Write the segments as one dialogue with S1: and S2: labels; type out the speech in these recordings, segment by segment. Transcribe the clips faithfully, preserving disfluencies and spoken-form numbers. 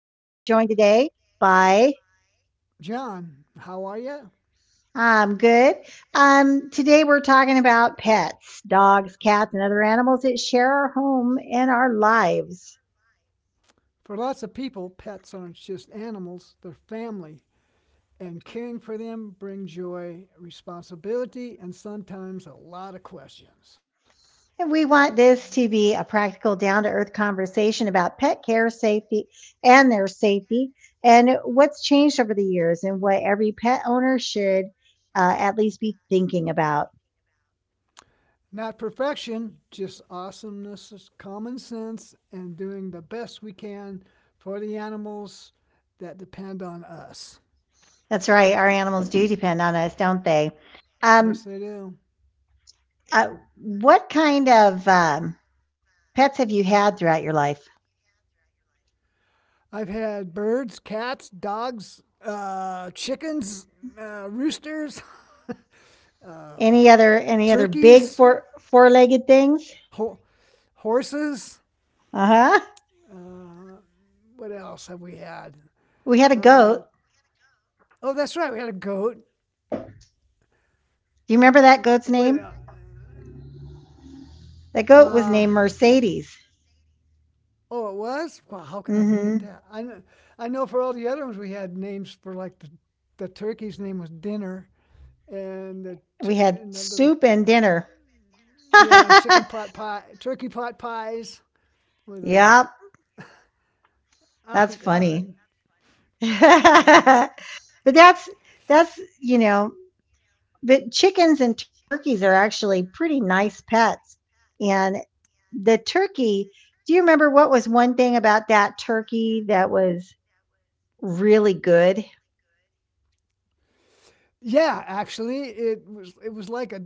S1: joined today by
S2: John, how are you?
S1: I'm good. Um, today we're talking about pets, dogs, cats, and other animals that share our home and our lives.
S2: For lots of people, pets aren't just animals, they're family. And caring for them brings joy, responsibility, and sometimes a lot of questions.
S1: And we want this to be a practical, down to earth conversation about pet care, safety, and their safety, and what's changed over the years, and what every pet owner should uh, at least be thinking about.
S2: Not perfection, just awesomeness, common sense, and doing the best we can for the animals that depend on us.
S1: That's right. Our animals do depend on us, don't they? Um,
S2: Yes, they do.
S1: uh, what kind of um, pets have you had throughout your life?
S2: I've had birds, cats, dogs, uh, chickens, uh, roosters, uh,
S1: Any other any other
S2: turkeys,
S1: big four four legged things?
S2: ho- horses.
S1: Uh huh.
S2: Uh, what else have we had?
S1: We had a
S2: Uh,
S1: goat.
S2: oh, that's right. We had a goat.
S1: Do you remember that goat's
S2: What?
S1: name?
S2: el-
S1: That goat was
S2: Uh,
S1: named Mercedes.
S2: oh, it was. Wow, how could I forget
S1: Mm-hmm.
S2: that? I know, I know. For all the other ones, we had names for like the the turkey's name was Dinner, and the
S1: We
S2: tur-
S1: had
S2: and the little
S1: soup and dinner.
S2: yeah, and chicken pot pie, turkey pot pies with a.
S1: Yep,
S2: Oh
S1: that's funny.
S2: God,
S1: but that's that's you know but chickens and turkeys are actually pretty nice pets. And the turkey, do you remember what was one thing about that turkey that was really good?
S2: yeah, actually, it was it was like a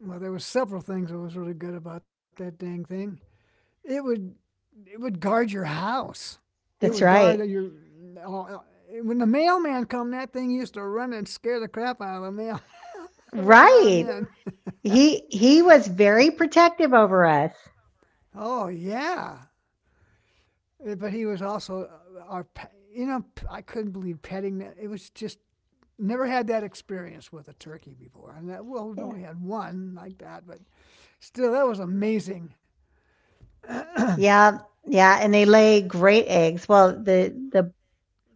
S2: well, there was several things that was really good about that dang thing. It would it would guard your house. It
S1: That's
S2: would guard
S1: right.
S2: your when the mailman come. That thing used to run and scare the crap out of the mail. I wouldn't let him
S1: Right.
S2: in.
S1: He he was very protective over us.
S2: Oh yeah, Eh, but he was also uh, our you know I I couldn't believe petting. that- It was just never had that experience with a turkey before, and that well we've
S1: Yeah.
S2: only had one like that, but still that was amazing
S1: Yeah, yeah, and they lay great eggs. Well, the the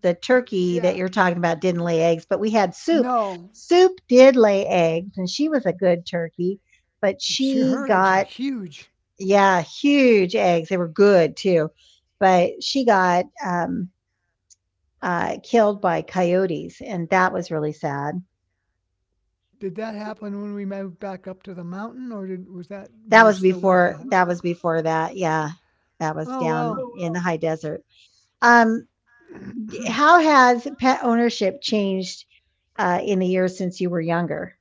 S1: the turkey that
S2: yeah,
S1: you're talking about didn't lay eggs, but we had soup.
S2: no,
S1: Soup did lay eggs, and she was a good turkey, but
S2: she,
S1: she
S2: her eggs are
S1: got
S2: huge.
S1: yeah, huge eggs. They were good too. But she got um, uh, killed by coyotes, and that was really sad.
S2: Did that happen when we moved back up to the mountain, or did was that
S1: That
S2: when we
S1: was
S2: still lived?
S1: before. That was
S2: on-
S1: before that. Yeah, that was
S2: Oh
S1: down
S2: well,
S1: in the high desert. Um, how has pet ownership changed uh, in the years since you were younger?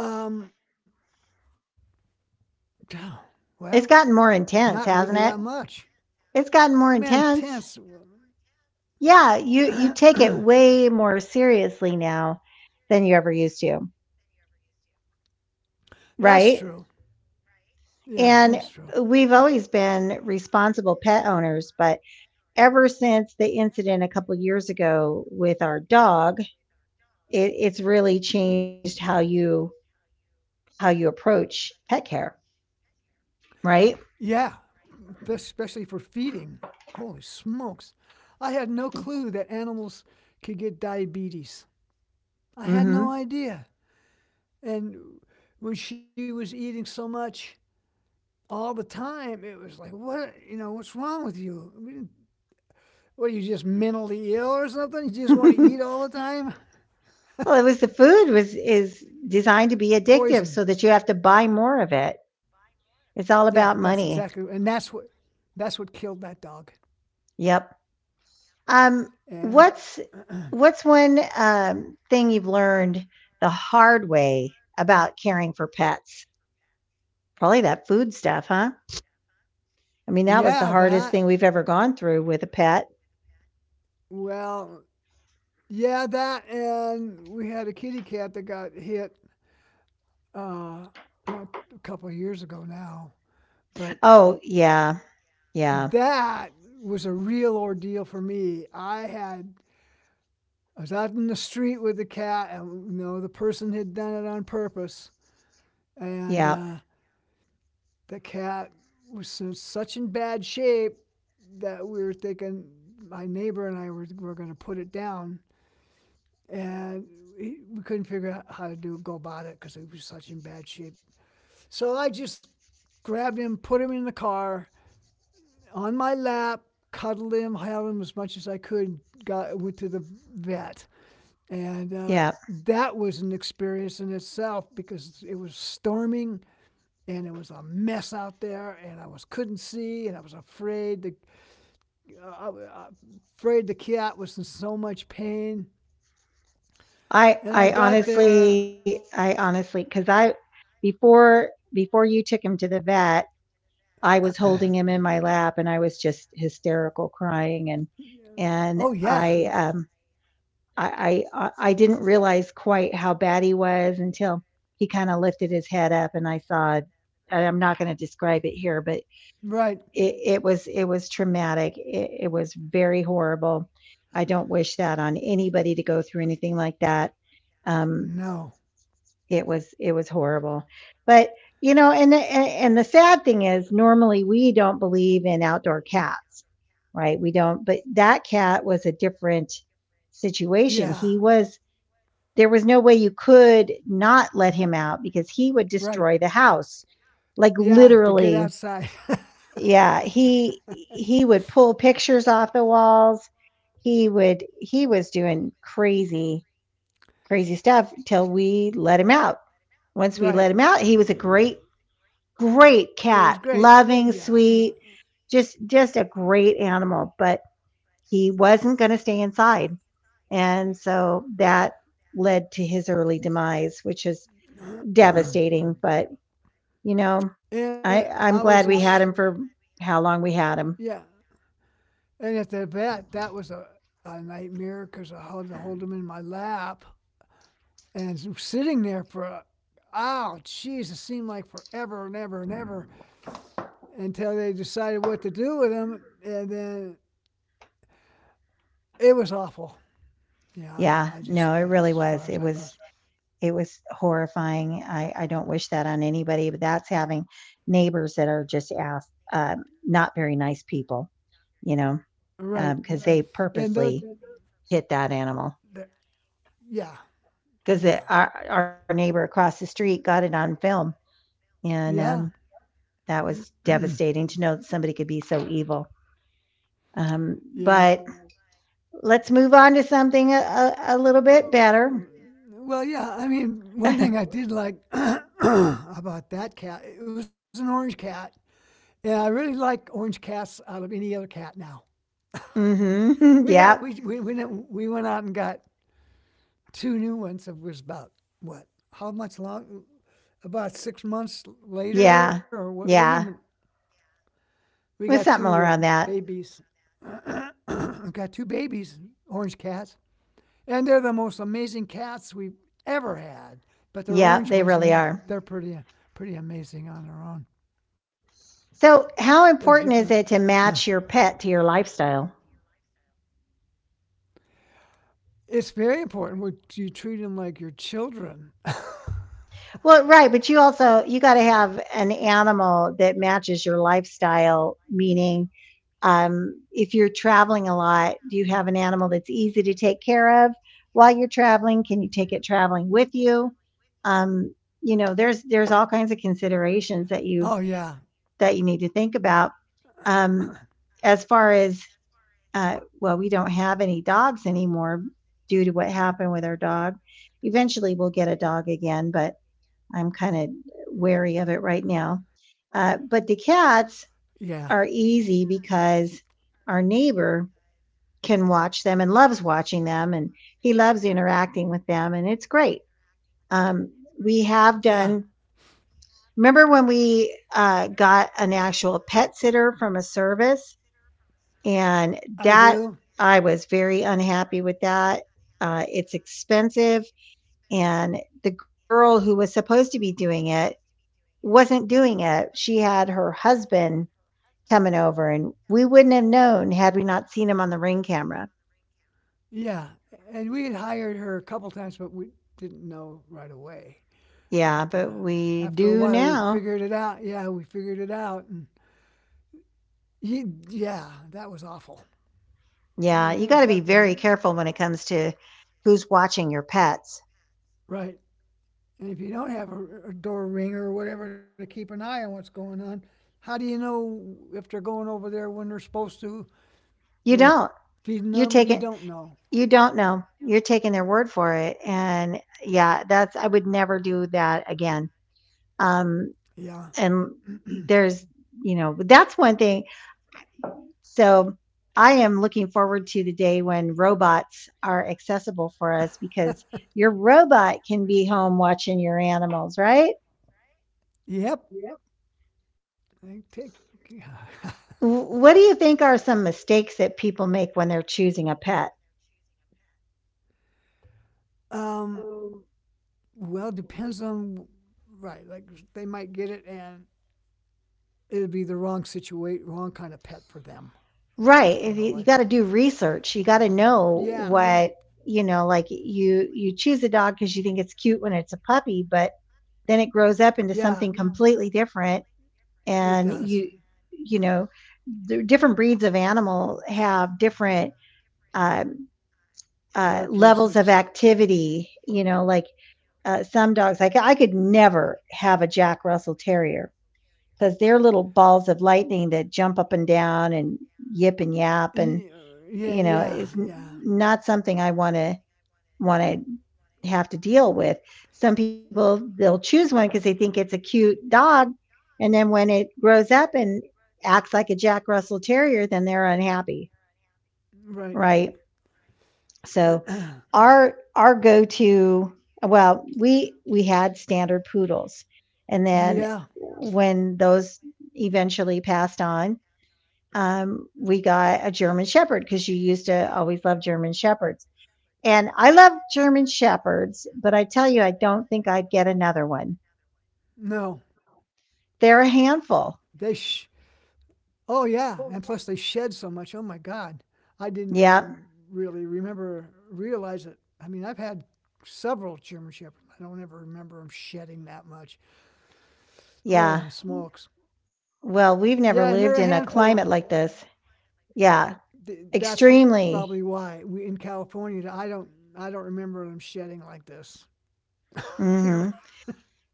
S2: um, well,
S1: It's gotten more
S2: not really that
S1: intense, hasn't
S2: much.
S1: it? It's
S2: Man,
S1: gotten more
S2: tense.
S1: intense. Yeah, you you take it way more seriously now than you ever used to,
S2: That's
S1: right?
S2: true. Yeah, that's
S1: And
S2: true.
S1: we've always been responsible pet owners, but ever since the incident a couple years ago with our dog, it, it's really changed how you how you approach pet care, right?
S2: Yeah, especially for feeding. Holy smokes. I had no clue that animals could get diabetes. I had no
S1: Hmm.
S2: idea. And when she was eating so much all the time, it was like, what, you know, what's wrong with you? What are you just mentally ill or something? You just want to
S1: Well,
S2: eat all the time?
S1: it was the food was is designed to be addictive
S2: Poison.
S1: so that you have to buy more of it.
S2: Yeah,
S1: It's
S2: that's
S1: all about
S2: exactly. And
S1: money.
S2: that's what that's what killed that dog.
S1: Yep. Um,
S2: And
S1: what's
S2: uh,
S1: what's one um, thing you've learned the hard way about caring for pets? Probably that food stuff, huh? I mean, that was
S2: yeah,
S1: the
S2: that
S1: hardest thing we've ever gone through with a pet.
S2: well, yeah, that and we had a kitty cat that got hit uh, not a couple of years ago now, but
S1: Oh, yeah. Yeah.
S2: that was a real ordeal for me. I had I was out in the street with the cat, and you know the person had done it on purpose, and
S1: Yeah.
S2: uh, the cat was in such in bad shape that we were thinking my neighbor and I were were going to put it down, and we couldn't figure out how to do go about it because it was such in bad shape. So I just grabbed him, put him in the car on my lap, cuddled him, held him as much as I could. Got went to the vet, and uh,
S1: Yeah.
S2: that was an experience in itself because it was storming and it was a mess out there, and I was couldn't see, and I was afraid the uh, afraid the cat was in so much pain.
S1: I
S2: And I
S1: I
S2: got there.
S1: honestly I honestly, because I before before you took him to the vet, I was holding him in my lap and I was just hysterical crying and
S2: Yeah.
S1: and
S2: Oh yeah,
S1: I um I I I I didn't realize quite how bad he was until he kinda lifted his head up and I saw and I'm not gonna describe it here, but
S2: right.
S1: it, it was it was traumatic. It, it was very horrible. I don't wish that on anybody to go through anything like that. Um,
S2: No,
S1: it was it was horrible, but you know, and the, and and the sad thing is, normally we don't believe in outdoor cats, right? We don't. But that cat was a different situation.
S2: yeah,
S1: He was there was no way you could not let him out because he would
S2: right.
S1: destroy the house, like
S2: Yeah, to get
S1: literally,
S2: outside.
S1: yeah, he he would pull pictures off the walls, he would he was doing crazy crazy stuff till we let him out. Once we
S2: right.
S1: let him out he was a great great
S2: It was
S1: cat,
S2: great.
S1: loving,
S2: Yeah.
S1: sweet, just just a great animal, but he wasn't going to stay inside, and so that led to his early demise, which is devastating, but you know
S2: And
S1: i
S2: I was
S1: i'm
S2: in,
S1: glad
S2: sh-
S1: we had him for how long we had him.
S2: yeah. And at the vet, that was a, a nightmare because I had to hold him in my lap and sitting there for, a, oh, jeez, it seemed like forever and ever and ever until they decided what to do with him. And then it was awful. Yeah,
S1: Yeah,
S2: I, I
S1: no,
S2: just,
S1: it really
S2: that's as
S1: was.
S2: far as
S1: It
S2: that
S1: was
S2: goes.
S1: it was horrifying. I I don't wish that on anybody, but that's having neighbors that are just ass um, not very nice people, you know,
S2: Right.
S1: because
S2: And
S1: they
S2: the,
S1: purposely hit that animal.
S2: the yeah, yeah,
S1: Because our our neighbor across the street got it on film, and,
S2: yeah,
S1: um, that was devastating to know that somebody could be so evil. Um,
S2: yeah.
S1: but let's move on to something a a a little bit
S2: Uh,
S1: better.
S2: well, yeah. I mean, one thing I did like about that cat, it was an orange cat, and I really like orange cats out of any other cat now.
S1: Mhm.
S2: We have
S1: Yep.
S2: we we we, we went out and got two new ones. It was about what? How much long? About six months later,
S1: Yeah.
S2: or what? Wasn't even.
S1: Yeah.
S2: We got
S1: With
S2: two
S1: something
S2: um,
S1: around that.
S2: babies. got two babies, orange cats. And they're the most amazing cats we've ever had. But they're
S1: Yeah,
S2: orange
S1: they
S2: ones,
S1: really
S2: and
S1: are.
S2: they're pretty pretty amazing on their own.
S1: So, how
S2: They're
S1: important
S2: different.
S1: is it to match your pet to your lifestyle?
S2: it's very important. You treat them like your children.
S1: Well, right, but you also you got to have an animal that matches your lifestyle. Meaning, um, if you're traveling a lot, do you have an animal that's easy to take care of while you're traveling? Can you take it traveling with you? Um, you know, there's there's all kinds of considerations that you
S2: oh yeah,
S1: that you need to think about. Um, as far as uh, well, we don't have any dogs anymore due to what happened with our dog. Eventually, we'll get a dog again, but I'm kind of wary of it right now. Uh, but the
S2: yeah,
S1: cats are easy because our neighbor can watch them and loves watching them, and he loves interacting with them, and it's great. Um,
S2: yeah.
S1: we have done. Remember when we uh, got an actual pet sitter from a service?
S2: I
S1: And
S2: do.
S1: that I was very unhappy with that. Uh, it's expensive. And the girl who was supposed to be doing it wasn't doing it. She had her husband coming over, and we wouldn't have known had we not seen him on the ring camera.
S2: Yeah, and we had hired her a couple times, but we didn't right away. But
S1: Yeah, but
S2: uh,
S1: we
S2: after a
S1: do
S2: while, we
S1: now.
S2: figured it out. Yeah, we figured it out, and ye- yeah, that was awful. I
S1: Yeah,
S2: mean,
S1: you
S2: there
S1: got
S2: was
S1: to be
S2: nothing
S1: very
S2: that.
S1: careful when it comes to who's watching your pets.
S2: Right. And if you don't have a, a door ringer or whatever to keep an eye on what's going on, how do you know if they're going over there when they're supposed to and
S1: You don't.
S2: feeding
S1: You're
S2: them? You
S1: taking
S2: don't know.
S1: you don't know. You're taking their word for it, and yeah, that's I would never do that again. Um,
S2: Yeah.
S1: and there's, you know, that's one thing. So I am looking forward to the day when robots are accessible for us because your robot can be home watching your animals, right?
S2: Yep. I take.
S1: W- What do you think are some mistakes that people make when they're choosing a pet?
S2: um. Well, depends on. Right. Like they might get it and it'd be the wrong situation, wrong kind of pet for them.
S1: Right. If
S2: You
S1: you,
S2: know,
S1: you got
S2: like.
S1: to do research. You got to know. Mm.
S2: Yeah.
S1: What, you know, like you you choose a dog because you think it's cute when it's a puppy, but then it grows up into something. Mm.
S2: Yeah.
S1: Completely different
S2: It
S1: and you
S2: does.
S1: you know, the different breeds of animal have different um, uh, levels of
S2: Characteristics.
S1: activity, you know, like uh, some dogs, like I could never have a Jack Russell Terrier because they're little balls of lightning that jump up and down and yip and yap.
S2: uh,
S1: And you
S2: Yeah,
S1: know,
S2: yeah,
S1: is n-
S2: yeah.
S1: not something I want to want to have to deal with. Some people they'll choose one because they think it's a cute dog, and then when it grows up and acts like a Jack Russell Terrier, then they're unhappy,
S2: Right.
S1: right? So our our go to well, we we had standard poodles, and then
S2: yeah.
S1: when those eventually passed on, um, we got a German Shepherd because you used to always love German Shepherds. And I love German Shepherds, but I tell you, I don't think I'd get another one.
S2: No.
S1: They're a
S2: They
S1: handful.
S2: sh- Oh yeah, and plus they shed so much. Oh my God. I
S1: Yeah,
S2: didn't really remember realize it. I mean, I've had several German shepherds. I don't ever remember them shedding that much.
S1: yeah.
S2: Holy smokes.
S1: Well,
S2: Yeah,
S1: we've
S2: and they're
S1: never
S2: a
S1: lived in a
S2: handful.
S1: climate like this. Yeah,
S2: That's probably why
S1: extremely.
S2: we in California. I don't I don't remember them shedding like this. Here.
S1: Hmm.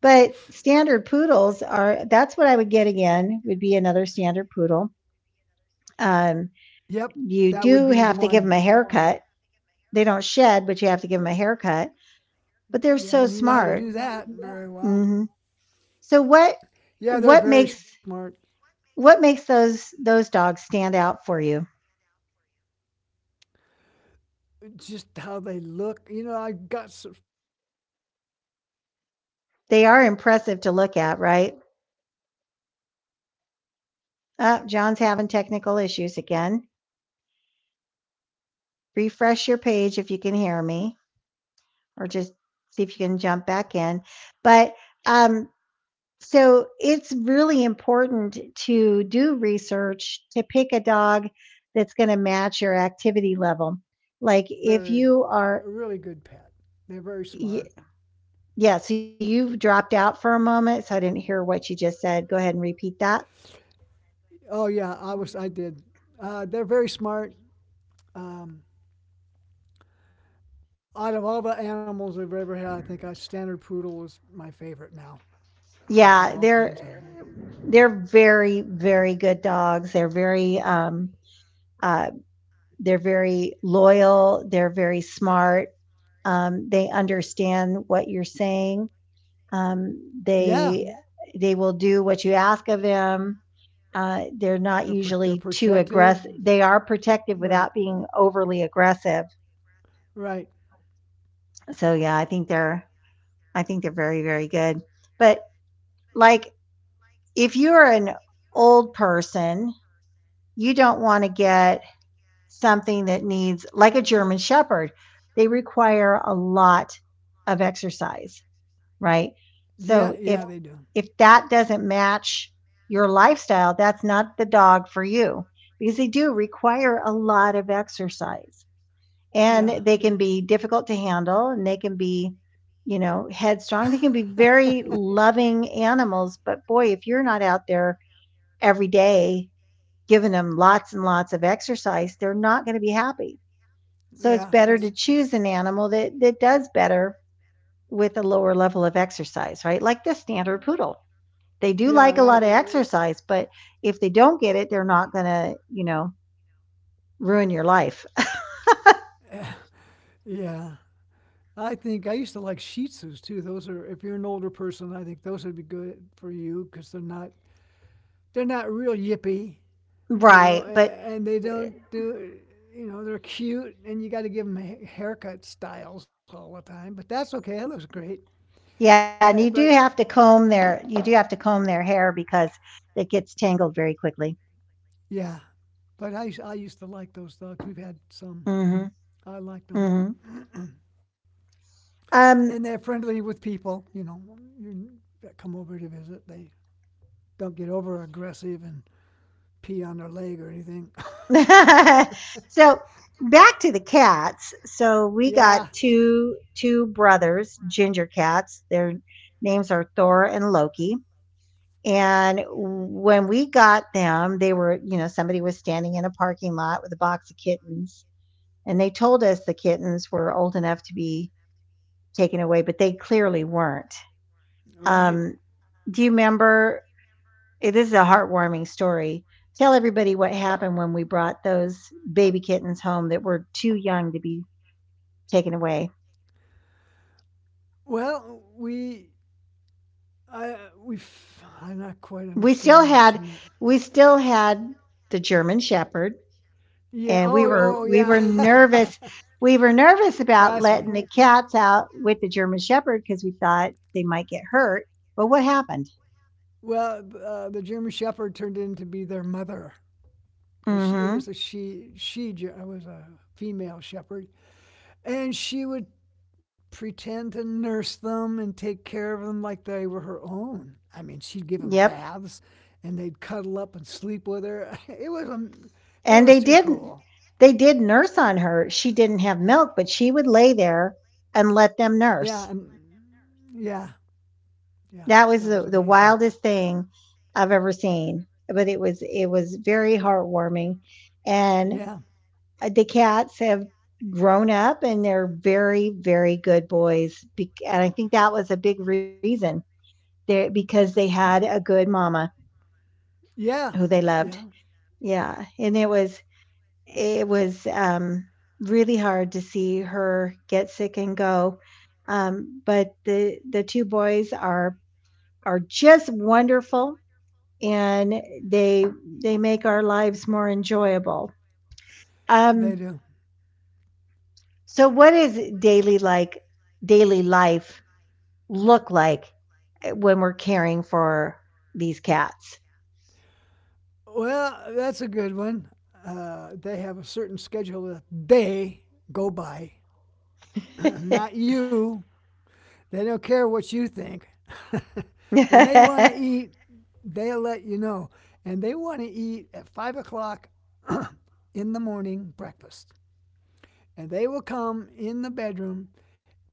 S1: But standard poodles are, that's what I would get again, would be another standard poodle. Um,
S2: Yep, that would
S1: you
S2: be the
S1: do have to
S2: one.
S1: give them a haircut. They don't shed, but you have to give them a haircut. But they're
S2: Yeah,
S1: so
S2: and you know how to
S1: smart.
S2: do that very well.
S1: Hmm. So what
S2: Yeah, they're
S1: what
S2: very
S1: makes
S2: smart.
S1: what makes those those dogs stand out for you?
S2: Just how they look. You know, I got some.
S1: They are impressive to look at, right? Uh, John's having technical issues again. Refresh your page if you can hear me, or just see if you can jump back in. But um, so it's really important to do research to pick a dog that's going to match your activity level. Like if
S2: They're
S1: you
S2: very,
S1: are,
S2: a really good pet. They're very
S1: y-
S2: smart.
S1: yeah, so you've dropped out for a moment, so I didn't hear what you just said. Go ahead and repeat that.
S2: Oh yeah, I was, I did. Uh, they're very smart. Um, out of all the animals I've ever had, I think a standard poodle is my favorite now. I've had
S1: Yeah,
S2: all kinds
S1: they're
S2: of them.
S1: they're very very good dogs. They're very um uh they're very loyal, they're very smart. Um, they understand what you're saying. Um
S2: Yeah,
S1: they they will do what you ask of them. Uh, they're
S2: they're
S1: not
S2: pr- they're
S1: usually too
S2: protective.
S1: aggressive. They are protective
S2: Right.
S1: without being overly aggressive.
S2: Right.
S1: So yeah, I think they're I think they're very very good. But like if you're an old person you don't want to get something that needs, like a German Shepherd, they require a lot of exercise, right?
S2: Yeah,
S1: So
S2: yeah, they
S1: if
S2: do.
S1: if that doesn't match your lifestyle, that's not the dog for you because they do require a lot of exercise
S2: Yeah.
S1: and they can be difficult to handle and they can be, you know, headstrong. They can be very loving animals, but boy, if you're not out there every day giving them lots and lots of exercise, they're not going to be happy. So
S2: yeah,
S1: it's better
S2: that's
S1: to choose an animal that, that does better with a lower level of exercise, right? Like the standard poodle. They do
S2: yeah,
S1: like a
S2: right.
S1: lot of, mhm, exercise, but if they don't get it, they're not going to, you know, ruin your life.
S2: Yeah. I think I used to like Shih Tzus too. Those are, if you're an older person, I think those would be good for you because they're not, they're not real yippy, you know, a-
S1: Right. But
S2: and they don't do, you know, they're cute and you got to give them haircut styles all the time. But that's okay. That looks great. Uh,
S1: yeah, and you
S2: but
S1: do have to comb their you do have to comb their hair because it gets tangled very quickly.
S2: yeah, but I, I used to like those dogs. We've had some.
S1: Mhm.
S2: I liked them.
S1: Mhm.
S2: And they're
S1: Um
S2: friendly with people, you know, you come over to visit. They don't get over aggressive and pee on their leg or anything.
S1: so back to the cats. So we
S2: yeah,
S1: got two two brothers, ginger cats. Their names are Thor and Loki. And when we got them, they were, you know, somebody was standing in a parking lot with a box of kittens, and they told us the kittens were old enough to be taken away, but they clearly weren't.
S2: right.
S1: Um, do you remember? Eh, This is a heartwarming story. Tell everybody what happened when we brought those baby kittens home that were too young to be taken away.
S2: Well, we, I, we, I not quite
S1: We still
S2: understand what you
S1: had
S2: meant.
S1: we still had the German shepherd,
S2: Yeah.
S1: and we
S2: Oh,
S1: were
S2: oh,
S1: we
S2: yeah.
S1: were nervous. We were nervous about
S2: That's
S1: letting
S2: right.
S1: the cats out with the German shepherd because we thought they might get hurt. But what happened?
S2: Well, uh, the German Shepherd turned into be their mother because it
S1: Mhm.
S2: was a she. She was a female shepherd, and she would pretend to nurse them and take care of them like they were her own. I give them
S1: Yep.
S2: baths, and they'd cuddle up and sleep with her. It was a, it was
S1: And they
S2: too cool.
S1: didn't. They did nurse on her. She didn't have milk, but she would lay there and let
S2: Yeah,
S1: them
S2: and
S1: nurse.
S2: yeah, yeah, that
S1: That
S2: was
S1: was the, the
S2: amazing.
S1: wildest thing I've ever seen. But it was it was very heartwarming, and
S2: Yeah,
S1: uh, the cats have grown up and they're very very good boys. Bec- And I think that was a big reason they, because they had a good mama
S2: yeah,
S1: who they
S2: yeah,
S1: loved. Yeah, and it was it was um, really hard to see her get sick and go. Um, but the the two boys are are just wonderful and they they make our lives more enjoyable.
S2: they
S1: Um,
S2: do.
S1: so, what is daily like daily life look like, eh, when we're caring for these cats?
S2: Well, that's a good one. Uh, they have a certain schedule that they go by, not you. They don't care what you think. when they want to eat, they'll let you know. And they want to eat at five o'clock in the morning breakfast. And they will come in the bedroom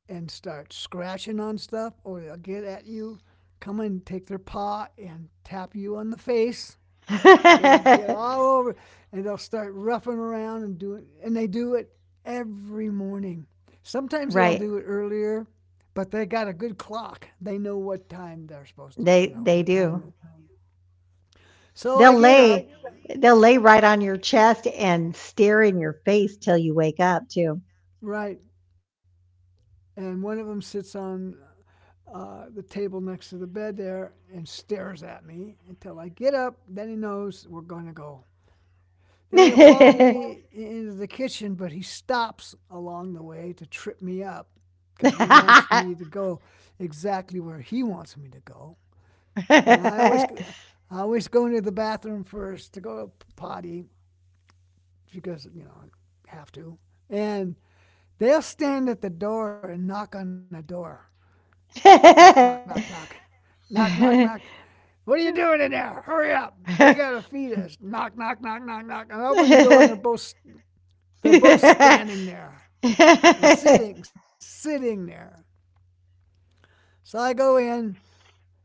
S2: and start scratching on stuff, or they'll get at you, come and take their paw and tap you on the face they will get all over and they'll start roughing around and doing, and they do it every morning. Sometimes they'll
S1: Right,
S2: do it earlier, but they got a good clock. They know what time they're supposed to, you
S1: they
S2: know,
S1: they
S2: what
S1: do.
S2: time. So
S1: They'll
S2: I get up,
S1: lay they'll lay right on your chest and stare in your face till you wake up too.
S2: right, and one of them sits on uh, the table next to the bed there and stares at me until I get up. Then he knows we're going to go. Then he'll follow me into the kitchen, but he stops along the way to trip me up because he wants me to go exactly where he wants me to go. And I always, I always go into the bathroom first to go potty because you know I have to. And they'll stand at the door and knock on the door, knock, knock, knock, knock, knock, knock, knock. What are you doing in there? Hurry up! You gotta feed us. Knock, knock, knock, knock, knock. And I open the door and they're
S1: Mhm.
S2: both. They're both standing there or sitting, sitting there. So I go in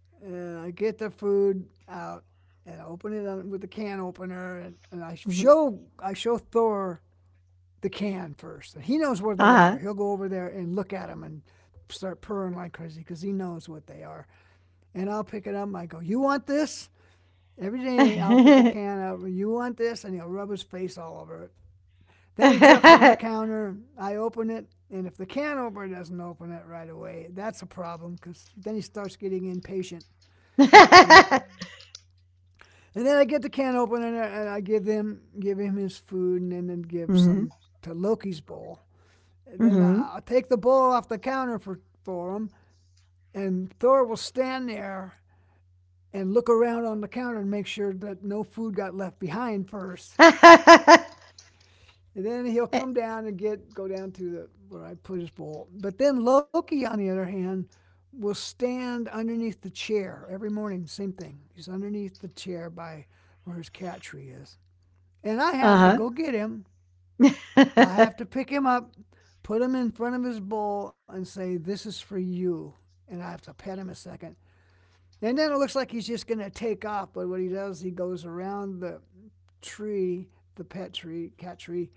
S2: and I get the food out and I open it with the can opener and, and I show I show Thor the can first. And he knows where they are.
S1: Uh-huh.
S2: He'll go over there and look at them and start purring like crazy because he knows what they are. And I'll pick it up and I go, "You want this?" Every day I'll pick a can up. You want this? And he'll rub his face all over it. Then he jumps on the counter. I open it, and if the can opener doesn't open it right away, that's a problem because then he starts getting impatient. And and then I get the can opener and I, give them give him his food, and then give
S1: Mhm.
S2: some to Loki's bowl. And then I,
S1: Mhm.
S2: I'll take the bowl off the counter for for him, and Thor will stand there and look around on the counter and make sure that no food got left behind first. And then he'll come down and get go down to the where I put his bowl. But then Loki, on the other hand, will stand underneath the chair every morning. Same thing. He's underneath the chair by where his cat tree is, and I have to
S1: Uh-huh.
S2: go get him. I have to pick him up, put him in front of his bowl, and say, "This is for you." And I have to pet him a second, and then it looks like he's just going to take off. But what he does, he goes around the tree, the pet tree, cat tree,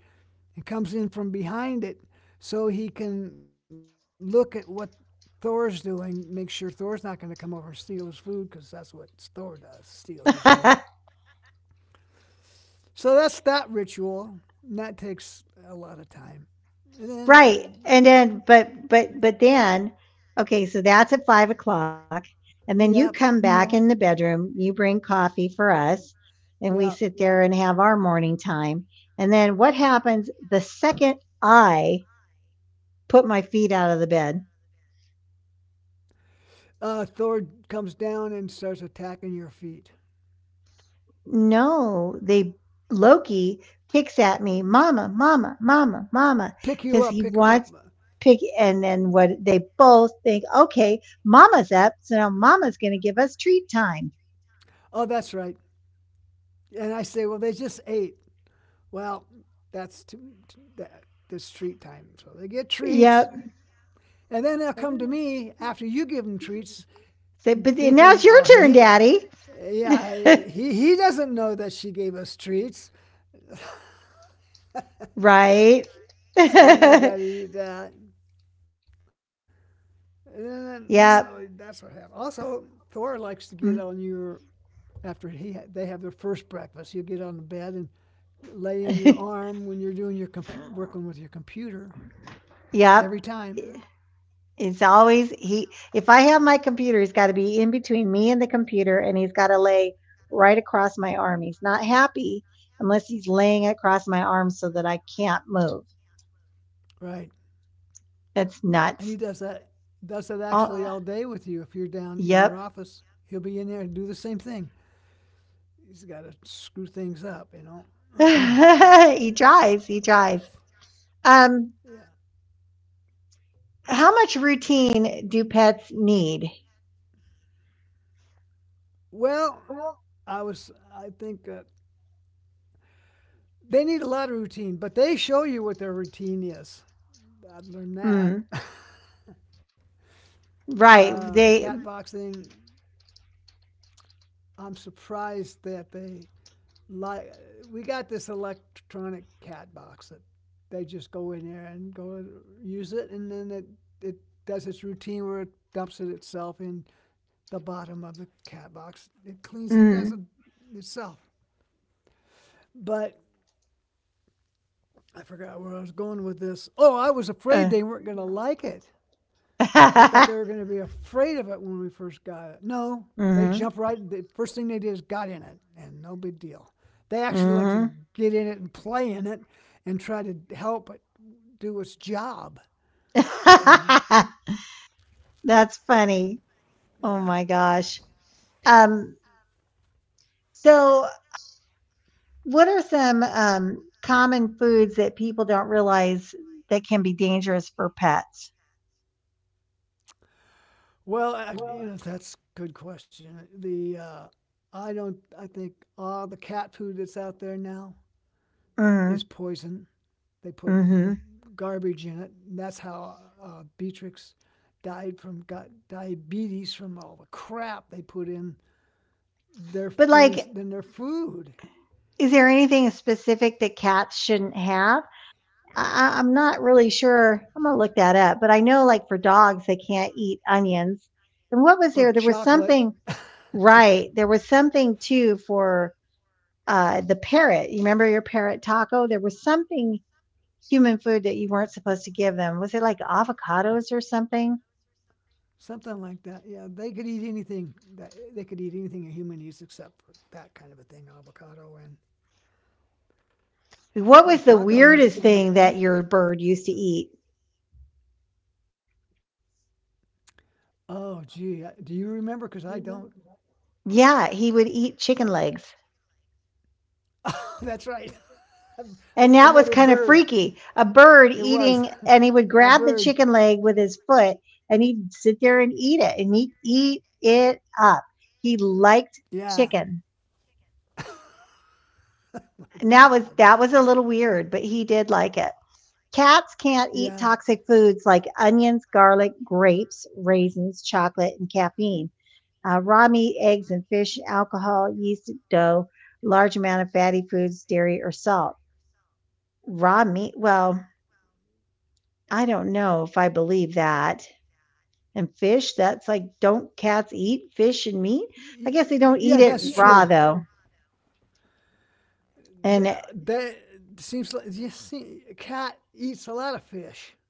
S2: and comes in from behind it so he can look at what Thor's doing, make sure Thor's not going to come over and steal his food because that's what Thor does, steals his food. So that's that ritual. And that takes a lot of time. And then,
S1: Right.
S2: uh,
S1: And then but but but then okay, so that's at five o'clock. And then you
S2: yeah,
S1: come back, Mhm. in the bedroom, you bring coffee for us, and we
S2: yeah.
S1: sit there and have our morning time. And then what happens the second I put my feet out of the bed?
S2: Uh, Thor comes down and starts attacking your feet.
S1: No, they Loki picks at me, "Mama, mama, mama, Mama,
S2: Pick you
S1: because
S2: up,
S1: he
S2: pick him
S1: wants
S2: up.
S1: pick and then what they both think, Okay, mama's up, so now mama's gonna give us treat time."
S2: Oh, that's right. And I say, well, they just ate. Well, that's to, to that, the treat time. So they get treats.
S1: Yep.
S2: And then they'll come to me after you give them treats,
S1: Say, "But then now it's
S2: thinking,
S1: your
S2: oh,
S1: turn,
S2: he,
S1: daddy."
S2: yeah, he, he doesn't know that she gave us treats.
S1: Right?
S2: So then they got to eat that. And then, so that's what happened.
S1: Yep.
S2: Also, Thor likes to get on
S1: Mm.
S2: your, after he ha- they have their first breakfast, he'll get on the bed and lay in your arm when you're doing your, compu- working with your computer
S1: Yep.
S2: every time.
S1: It's always, he if I have my computer, he's got to be in between me and the computer and he's got to lay right across my arm. He's not happy unless he's laying across my arm so that I can't move.
S2: Right.
S1: That's
S2: And he
S1: nuts.
S2: does that, does that actually
S1: All,
S2: all day with you if you're down in your
S1: yep.
S2: office. He'll be in there and do the same thing. He's got to screw things up, you know.
S1: He tries, he tries. Um
S2: Yeah.
S1: how much routine do pets need?
S2: Well, I was I think uh, they need a lot of routine, but they show you what their routine is. I've learned that.
S1: Mm, right.
S2: Uh, the
S1: They
S2: cat box thing. I'm surprised that they like. we got this electronic cat box that they just go in there and go use it, and then it it does its routine where it dumps it itself in the bottom of the cat box. It cleans it
S1: mm,
S2: doesn't itself. But I forgot where I was going with this. Oh, I was afraid
S1: uh.
S2: they weren't going to like it. I thought they were going to be afraid of it when we first got it. No, they
S1: Mhm.
S2: jumped right. The first they did is got in it, and no big deal. They actually like to
S1: Mhm.
S2: get in it and play in it and try to help it do its job, you know?
S1: That's funny. Oh
S2: Yeah.
S1: my gosh. Um, so, what are some, um, common foods that people don't realize that can be dangerous for pets?
S2: Well, I, you know, that's a good question. The, uh, I don't, I think all the cat food that's out there now is
S1: Mhm,
S2: poison. They put
S1: mhm.
S2: garbage in it. And that's how uh, Beatrix died from got diabetes from all the crap they put in their
S1: But,
S2: in,
S1: like,
S2: his, in their food
S1: is there anything specific that cats shouldn't have? I I I'm not really sure. I'm gonna look that up, but I know, like, for dogs, they can't eat onions. And what was there?
S2: or
S1: There was
S2: chocolate.
S1: something right, there was something too for, uh, the parrot. You remember your parrot taco? There was something human food that you weren't supposed to give them? Was it like avocados or something?
S2: Something like that. Yeah, they could eat anything. That, they could eat anything a human eats except for that kind of a thing, avocado and
S1: What was
S2: yeah,
S1: the
S2: taco
S1: weirdest
S2: used to eat.
S1: thing that your bird used to eat?
S2: Oh, gee, do you remember? Because I don't.
S1: Yeah, he would eat chicken legs.
S2: That's right,
S1: And that was
S2: another
S1: kind of
S2: bird.
S1: freaky. A bird
S2: It was
S1: eating, and he would
S2: a
S1: grab the
S2: bird.
S1: chicken leg with his foot and he'd sit there and eat it and he'd eat it up. He liked
S2: Yeah.
S1: chicken.
S2: My
S1: And that
S2: God.
S1: was that was a little weird, but he did like it. Cats can't eat
S2: Yeah,
S1: toxic foods like onions, garlic, grapes, raisins, chocolate, and caffeine. Uh, raw meat, eggs, and fish, alcohol, yeast, dough, large amount of fatty foods, dairy, or salt. Raw meat, well, I don't know if I believe that. And fish, that's like, don't cats eat fish and meat? I guess they don't eat
S2: yeah,
S1: it. Yeah,
S2: that's
S1: raw, that's
S2: true.
S1: though. True. And uh,
S2: That seems like you see, a cat eats a lot of fish.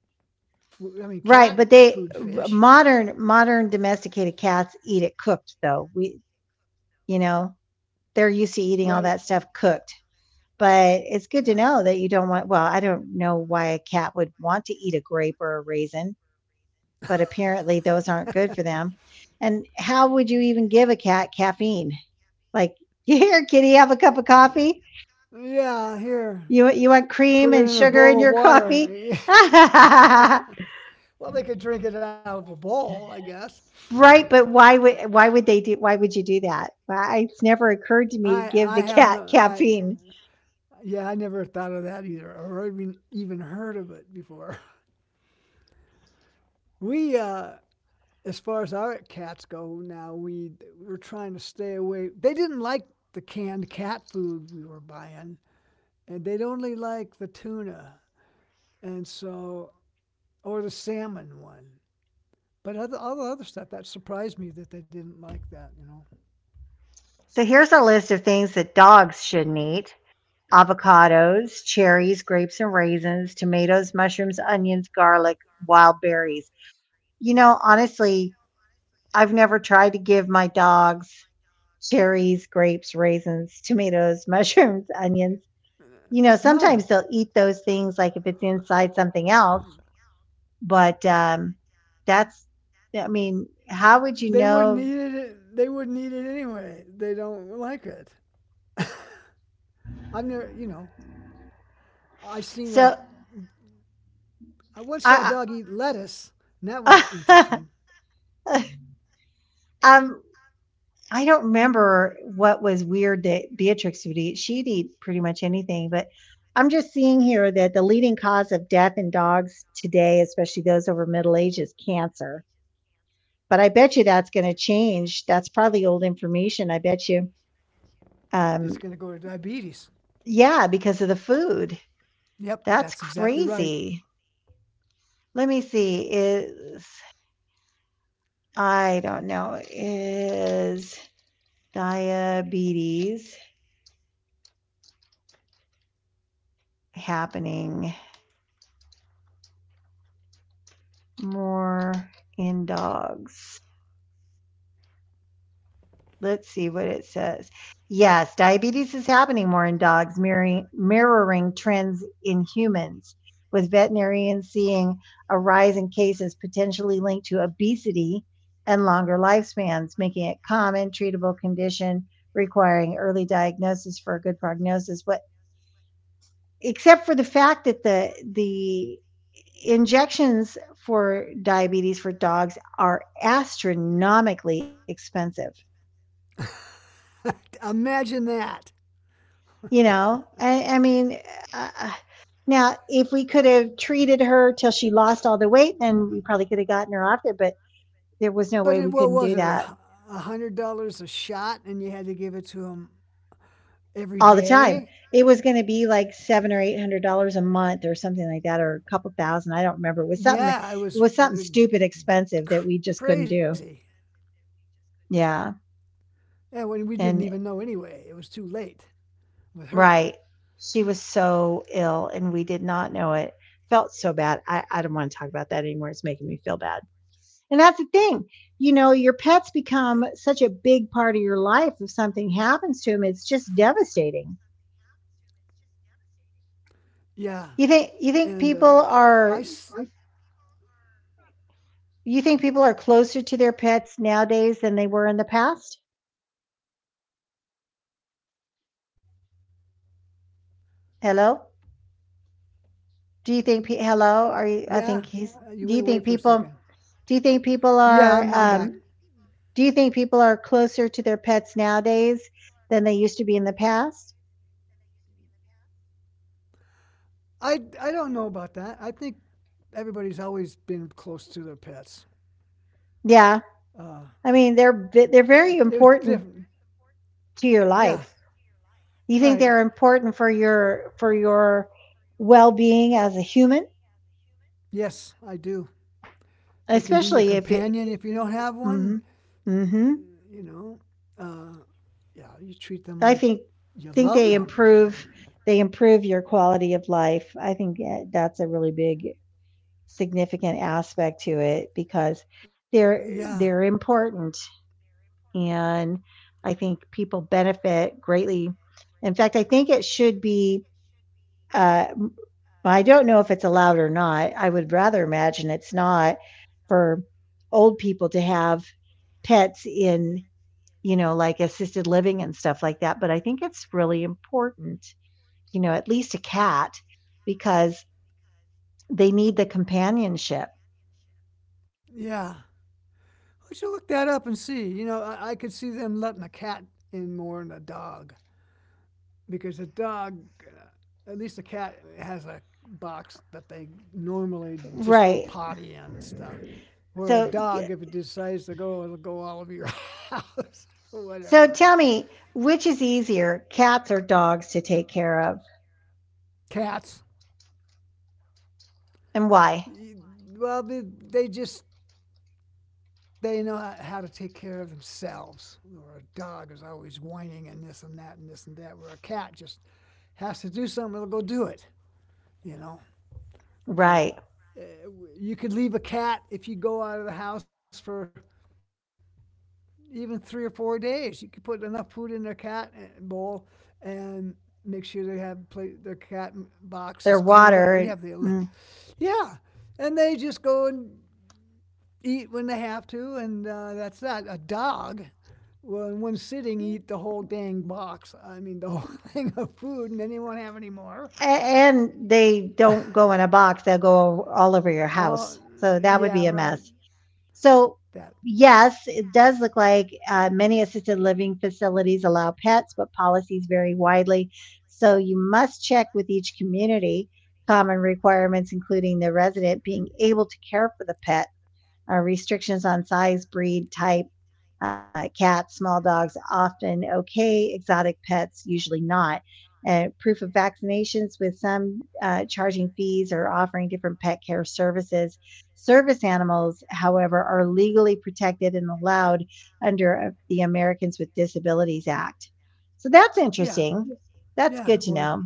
S2: I mean,
S1: right,
S2: cat
S1: but
S2: food,
S1: they
S2: fish,
S1: modern modern domesticated cats eat it cooked though. We, you know, they're used to
S2: right?
S1: eating all that stuff cooked. But it's good to know that you don't want, well, I don't know why a cat would want to eat a
S2: Yeah,
S1: grape or a raisin, but apparently those aren't good for them. And how would you even give a cat caffeine? Like, here, kitty, have a cup of coffee.
S2: yeah. Here,
S1: You, you want
S2: put
S1: cream
S2: it
S1: and
S2: in a
S1: sugar in
S2: bowl of
S1: your
S2: water.
S1: coffee? Right,
S2: Well, they could drink it out of a bowl, I guess.
S1: but why would why would they do why would you do that? Why- It's never occurred to me to
S2: I,
S1: give
S2: I
S1: the
S2: have no,
S1: cat
S2: I,
S1: caffeine.
S2: Yeah, I never thought of that either, or even even heard of it before. We, uh, as far as our cats go now, we we're trying to stay away. They didn't like the canned cat food we were buying, and they'd only like the tuna, and so or the salmon one. But other, all the other stuff that surprised me that they didn't like that. You know,
S1: So here's a list of things that dogs shouldn't eat: avocados, cherries, grapes and raisins, tomatoes, mushrooms, onions, garlic, wild berries. You know, honestly, I've never tried to give my dogs cherries, grapes, raisins, tomatoes, mushrooms, onions.
S2: Uh,
S1: You know,
S2: no,
S1: sometimes they'll eat those things like if it's inside something else, but um that's, I mean, how would you
S2: they wouldn't
S1: know?
S2: eat it. They wouldn't eat it anyway. They don't like it. I have never, you know. I seen a.
S1: So
S2: I once saw a
S1: I,
S2: dog eat lettuce, and that was uh,
S1: I
S2: interesting.
S1: um I don't remember what was weird that Beatrix would eat. She'd eat pretty much anything, but I'm just seeing here that the leading cause of death in dogs today, especially those over middle age, is cancer. But I bet you that's going to change. That's probably old information. I bet you.
S2: It's going to
S1: Um,
S2: go to diabetes.
S1: yeah, because of the food.
S2: Yep,
S1: That's
S2: that's exactly right.
S1: crazy. Let me see. Is I don't know. Is diabetes happening more in dogs. Let's see what it says. Yes, diabetes is happening more in dogs, mirroring, mirroring trends in humans, with veterinarians seeing a rise in cases potentially linked to obesity and longer lifespans, making it common, treatable condition requiring early diagnosis for a good prognosis. What except for the fact that the the injections for diabetes for dogs are astronomically expensive.
S2: Imagine that.
S1: You know, I, I mean, uh, uh, now if we could have treated her till she lost all the weight, then we probably could have gotten her off there. But there was no
S2: But
S1: way
S2: it,
S1: we
S2: what
S1: couldn't
S2: was
S1: do
S2: it?
S1: that
S2: A hundred dollars a shot, and you had to give it to him every
S1: all the time.
S2: day.
S1: It was going to be like seven or eight hundred dollars a month or something like that, or a couple thousand. I don't remember. It was something. It
S2: Yeah, it was
S1: was
S2: uh,
S1: something stupid expensive
S2: crazy.
S1: that we just couldn't do.
S2: Yeah,
S1: Yeah,
S2: when we didn't even know anyway. It was
S1: and
S2: too late with her.
S1: Right. She was so ill, and we did not know it. Felt so bad. I I don't wanna talk about that anymore, it's making me feel bad. And that's the thing, you know, your pets become such a big part of your life if something happens to them, it's just devastating.
S2: Yeah. And uh,
S1: You think you
S2: I
S1: think
S2: s-
S1: people are you think people are closer to their pets nowadays than they were in the past? Hello?
S2: yeah,
S1: Do you
S2: uh,
S1: think
S2: you
S1: pe
S2: went away for a
S1: hello? Are
S2: second.
S1: you I think he's do you think
S2: Yeah,
S1: people
S2: I'm I'm back.
S1: do you think people are, um do you think people are closer to their pets nowadays than they used to be in the past?
S2: I I don't know about that. I think everybody's always been close to their pets.
S1: Yeah.
S2: Uh,
S1: I mean, they're
S2: uh,
S1: v- they're very
S2: it was
S1: important
S2: different.
S1: to your
S2: Yeah,
S1: life. You think
S2: right.
S1: they're important for your for your well-being as a human,
S2: Yes, I do. They can be your
S1: especially if it
S2: companion if you don't have one.
S1: Mhm. Mhm.
S2: You know, uh, yeah, you treat them
S1: I
S2: like
S1: think
S2: you
S1: think
S2: love
S1: they
S2: them.
S1: improve
S2: So,
S1: they improve your quality of life. I think that- that's a really big significant aspect to it because
S2: Uh, yeah,
S1: they're they're important and I think people benefit greatly. In fact, I think it should be. Uh, m- I don't know if it's allowed or not. I would rather imagine it's not for old people to have pets in, you know, like assisted living and stuff like that. But I think it's really important, you know, at least a cat because they need the companionship.
S2: yeah. We should look that up and see. You know, I, I could see them letting a cat in more than a dog because a dog, uh, at least a cat has a box that they normally just go
S1: Right.
S2: potty in and stuff. Where a
S1: So,
S2: dog, if it decides to go, it'll go all over your house or
S1: so
S2: whatever.
S1: tell me, which is easier, cats or dogs to take care of?
S2: Cats.
S1: And why?
S2: Well, they, they just they know how to take care of themselves. Where a dog is always whining and this and that and this and that. Where a cat just has to do something, it'll go do it. You know,
S1: Right.
S2: Uh, you could leave a cat if you go out of the house for even three or four days. You could put enough food in their cat uh, bowl and make sure they have play, their cat box is
S1: They're
S2: clean. But we
S1: water.
S2: have the,
S1: Mm.
S2: yeah, and they just go and eat when they have to, and uh, that's that. A dog will, in one sitting, eat the whole dang box. I mean, the whole thing of food, and then he won't have any
S1: A-
S2: more.
S1: And they don't go in a box, they'll go all over your house.
S2: Oh, uh,
S1: So that would be a
S2: yeah,
S1: mess.
S2: right.
S1: So,
S2: That,
S1: yes, it does look like uh, many assisted living facilities allow pets, but policies vary widely. So, you must check with each community. Common requirements, including the resident being able to care for the pet, uh, restrictions on size, breed, type, Uh, cats, small dogs, often okay. Exotic pets, usually not. Uh, proof of vaccinations with some uh, charging fees or offering different pet care services. Service animals, however, are legally protected and allowed under uh, the Americans with Disabilities Act. So that's
S2: yeah.
S1: interesting. That's
S2: Yeah,
S1: good to
S2: well,
S1: know.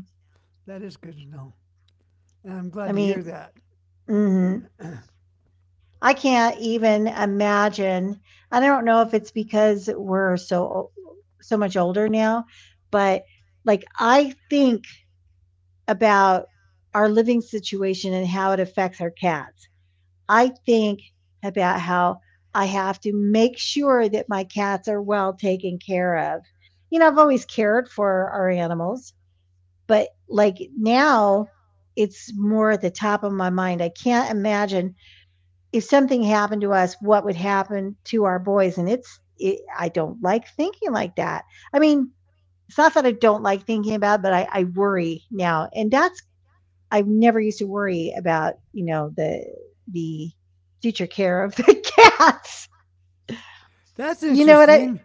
S2: that is good to know. And I'm
S1: I
S2: glad to
S1: mean,
S2: hear that.
S1: mhm. I can't even imagine. And I don't know if it's because we're so so much older now, but like I think about our living situation and how it affects our cats. I think about how I have to make sure that my cats are well taken care of. You know, I've always cared for our animals, but like now it's more at the top of my mind. I can't imagine if something happened to us, what would happen to our boys? And it's, it, I don't like thinking like that. I mean, it's not that I don't like thinking about it, but I, I worry now. And that's, I've never used to worry about, you know, the, the future care of the cats.
S2: That's
S1: You know what I
S2: interesting.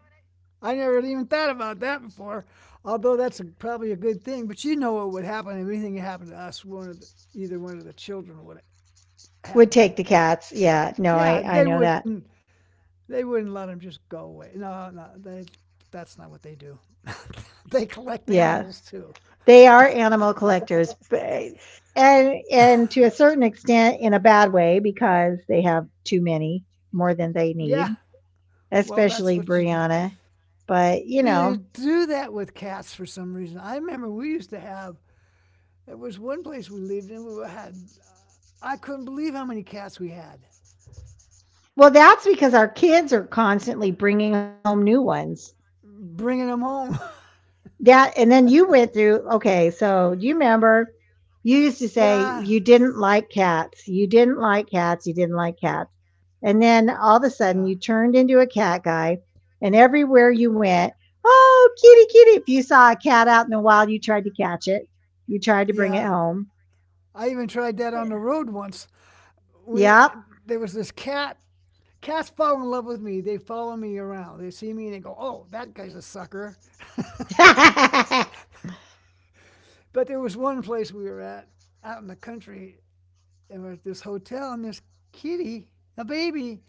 S2: I never even thought about that before, although that's a, probably a good thing. But you know what would happen if anything happened to us, one of the, either one of the children would
S1: would
S2: have
S1: take
S2: them.
S1: the cats. Yeah. No,
S2: Yeah,
S1: I,
S2: they
S1: I know
S2: wouldn't.
S1: that.
S2: They wouldn't let them just go away. No, no, they, that's not what they do. They collect animals
S1: Yeah.
S2: too.
S1: They are animal collectors, but- And, and to a certain extent in a bad way because they have too many, more than they
S2: Yeah,
S1: need,
S2: well, that's
S1: especially
S2: what you do.
S1: Brianna. But, you
S2: You
S1: know,
S2: do that with cats for some reason. I remember we used to have There was one place we lived in. We had, uh, I couldn't believe how many cats we had.
S1: well,
S2: Uh,
S1: that's
S2: well,
S1: because our
S2: that's because
S1: kids are
S2: our kids
S1: constantly
S2: are
S1: bringing home
S2: constant,
S1: new
S2: bringing them
S1: ones.
S2: home.
S1: That, and then you went through, okay, so do you remember
S2: Yeah, and then you went through, okay, so. Yeah,
S1: you used to say you didn't like cats, you didn't like cats, you didn't like cats. And then all of
S2: yeah,
S1: a
S2: oh,
S1: sudden you turned into a cat guy, and everywhere you went, oh, kitty, kitty. If you saw a cat out in the wild, you tried to catch it, you tried to bring
S2: yeah.
S1: it home.
S2: I even tried that on the road once. We
S1: Yep.
S2: There was this cat. Cats fall in love with me. They follow me around. They see me and they go, "Oh, that guy's a sucker." But there was one place we were at out in the country. There was this hotel and this kitty, a baby.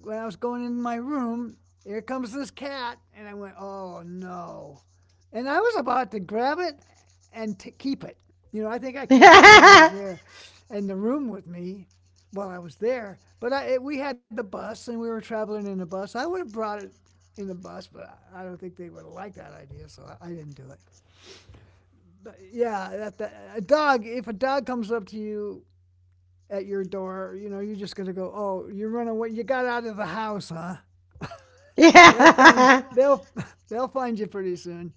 S2: When I was going in my room, here comes this cat, and I went, oh no. And I was about to grab it and t- keep it. You know, I think I kept it when I was there in the room with me while I was there. But I, it, we had the bus and we were traveling in the bus. I would have brought it in the bus, but I don't think they would have liked that idea, so I, I didn't do it. But yeah, that, that a dog. If a dog comes up to you at your door, you know, you're just going to go, "Oh, you are running away. You got out of the house, huh?" They'll find
S1: Yeah.
S2: they'll they'll find you pretty soon.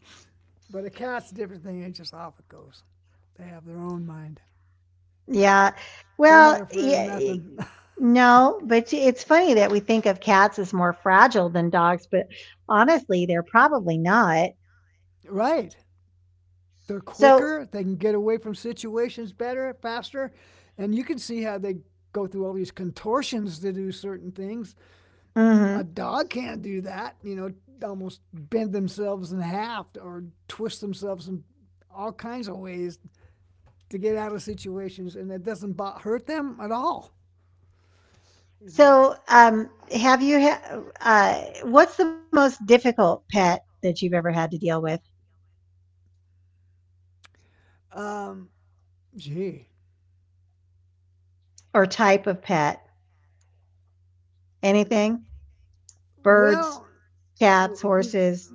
S2: But a cat's a different thing. It's just off it goes. They have their own mind.
S1: Yeah.
S2: They're
S1: Well,
S2: not afraid
S1: yeah,
S2: of
S1: y-
S2: nothing.
S1: no, but it's funny that we think of cats as more fragile than dogs, but honestly, they're probably not.
S2: Right. They're
S1: So,
S2: quicker. They can get away from situations better, faster, and you can see how they go through all these contortions to do certain things. A
S1: mhm.
S2: dog can't do that. You know, almost bend themselves in half or twist themselves in all kinds of ways to get out of situations, and it doesn't hurt them at all. You know,
S1: So, um, have you, ha- uh, what's the most difficult pet that you've ever had to deal with,
S2: um, Gee,
S1: or type of pet? Anything? Birds,
S2: well,
S1: cats, horses?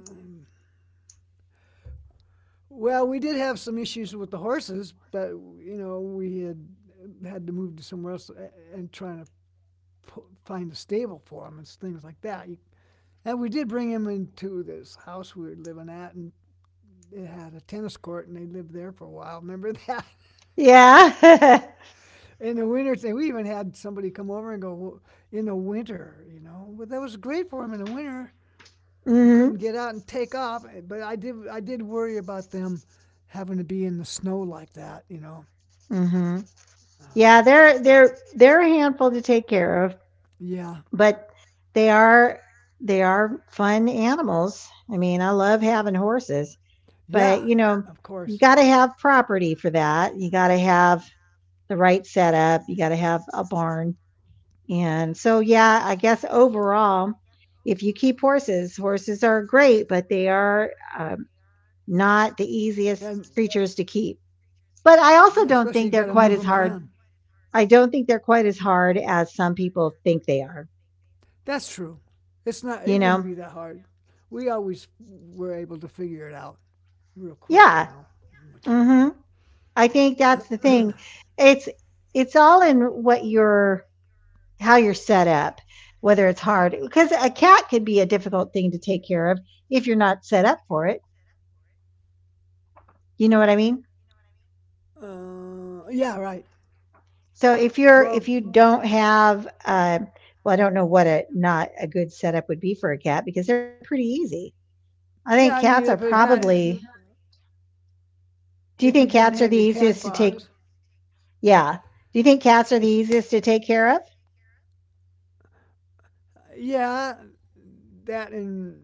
S2: well, we did have some issues with the horses, but you know, we had had to move to somewhere else and trying to p- find a stable for them and things like that. And we did bring him into this house we were living at, and it had a tennis court, and they lived there for a while. Remember that?
S1: Yeah.
S2: In the winter thing. We even had somebody come over and go, "Well, in the winter, you know. Well, that was great for them in the winter." They
S1: Hmm.
S2: couldn't get out and take off, eh, but I did. I did worry about them having to be in the snow like that, you know.
S1: Hmm. Yeah,
S2: Uh,
S1: they're they're they're a handful to take care of.
S2: Yeah,
S1: But they are, they are fun animals. I mean, I love having horses, but
S2: yeah,
S1: you know,
S2: of
S1: you
S2: course,
S1: got to have property for that. You got to have the right setup. You got to have a barn. And so, yeah, I guess overall, if you keep horses, horses are great, but they are, um, not the
S2: and
S1: easiest creatures to keep. But
S2: yeah,
S1: I also
S2: especially you
S1: don't
S2: got to
S1: think they're
S2: move them
S1: quite as
S2: around.
S1: hard. I don't think they're quite as hard as some people think they are.
S2: That's true. It's not. It
S1: You
S2: wouldn't
S1: know?
S2: be that hard. We always were able to figure it out real quick, you
S1: Yeah.
S2: know, what to do
S1: Hmm. I think that's the
S2: with
S1: thing. It's it's all in what you're how you're set up, whether it's hard, because a cat could be a difficult thing to take care of if you're not set up for it. You know what I mean?
S2: them. Uh, yeah, right.
S1: So if you're
S2: Well,
S1: if you don't have uh, well, I don't know what a not a good setup would be for a cat because they're pretty easy. I think
S2: yeah, I
S1: cats are
S2: mean, if it had,
S1: probably. Do you
S2: if you
S1: think
S2: didn't
S1: cats are
S2: have
S1: the
S2: your cat
S1: easiest to take?
S2: box,
S1: Yeah. Do you think cats are the
S2: if
S1: easiest to take care of?
S2: yeah, that and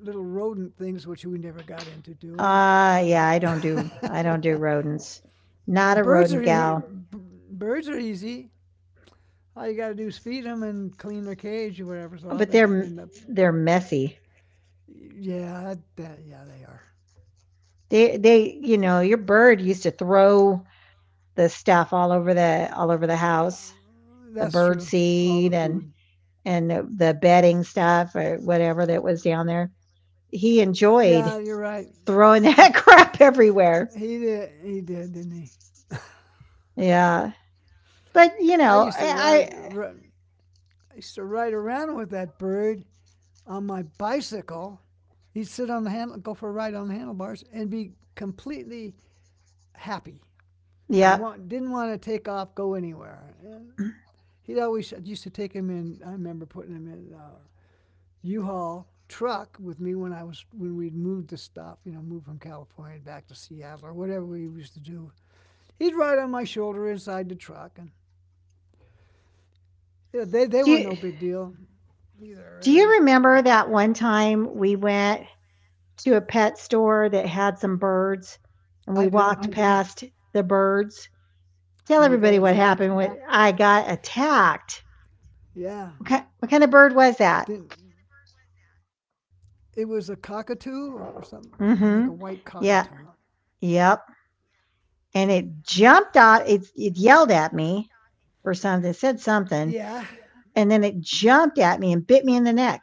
S2: little rodent things which we never got into doing.
S1: Uh,
S2: Are
S1: yeah, I don't do I don't do
S2: the
S1: rodents. Not
S2: And
S1: a
S2: birds are
S1: rodent
S2: e-
S1: gal.
S2: b- birds are easy. All you got to do is feed them and clean their cage or whatever's off,
S1: But
S2: and,
S1: they're
S2: and the,
S1: they're messy.
S2: yeah, that, yeah, they are.
S1: They they you know your bird used to throw the stuff all over the all over the
S2: Uh,
S1: house, the
S2: that's
S1: bird
S2: true. All the
S1: seed and
S2: food.
S1: and the, the bedding stuff or whatever that was down there. He
S2: Yeah,
S1: enjoyed
S2: you're right.
S1: throwing that crap everywhere.
S2: He did. He did, didn't he?
S1: Yeah, but you
S2: I
S1: know
S2: used to
S1: I,
S2: ride.
S1: I
S2: r- I used to ride around with that bird on my bicycle. He'd sit on the handle, go for a ride on the handlebars, and be completely happy and
S1: yeah.
S2: want, didn't want to take off, go anywhere. And he'd always I used to take him in. I remember putting him in uh, U-Haul truck with me when I was when we'd moved to stuff, you know, moved from California back to Seattle or whatever we used to do. He'd ride on my shoulder inside the truck, and yeah, they they
S1: Do
S2: were
S1: you
S2: no big deal either,
S1: do you
S2: really.
S1: remember that one time we went to a pet store that had some birds, and we
S2: I do.
S1: walked past the birds. Tell
S2: And you got
S1: everybody what
S2: attacked.
S1: happened when I got attacked.
S2: Yeah,
S1: What kind, what kind of
S2: didn't
S1: bird was that?
S2: it was a cockatoo, or, or something? I think a white cockatoo.
S1: Mm-hmm. Yeah. Yep. And it jumped out. It it yelled at me or something. It said
S2: Yeah,
S1: something, and then it jumped at me and bit me in the neck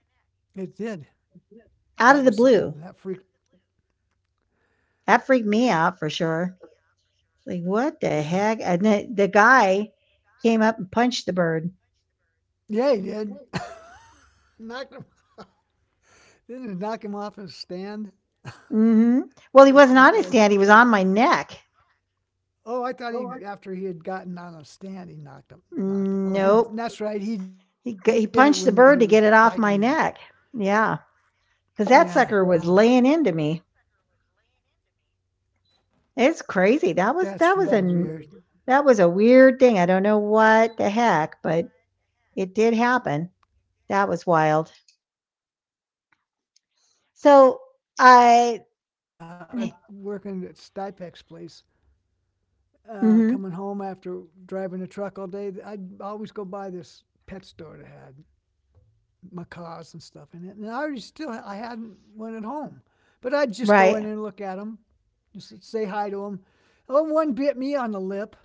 S2: it did. That
S1: out
S2: was
S1: of the
S2: something
S1: blue.
S2: that freaked.
S1: That freaked me out for sure. Like what the
S2: Yeah,
S1: heck? And the, the guy came up and punched the bird.
S2: yeah, he did. Knocked him. Didn't it knock him off his stand?
S1: Hmm. Well, he wasn't
S2: Pushed
S1: on
S2: him
S1: his stand.
S2: good.
S1: He was on my neck.
S2: Oh, I thought he, after he had gotten on a stand, he knocked him, knocked him. Oh, he
S1: Nope.
S2: that's right. He did it
S1: He
S2: when
S1: g- he
S2: he was
S1: punched the bird to
S2: biting
S1: get
S2: you.
S1: it off my neck. Yeah,
S2: Yeah,
S1: because that sucker was laying into me. It's crazy. That was
S2: that's
S1: that
S2: really
S1: was a n-
S2: weird.
S1: that was a weird thing. I don't know what the heck, but it did happen. That was wild.
S2: Yeah, I had that
S1: So
S2: happen to me once
S1: I.
S2: too. Sometimes when I'd work in at Stipex's place, uh,
S1: Hmm.
S2: coming home after driving a truck all day, I'd always go by this pet store that had macaws and stuff in it. And I already still I hadn't one at home, but I'd just go in
S1: Right.
S2: and look at them, just say hi to them. Oh, one bit me on the lip.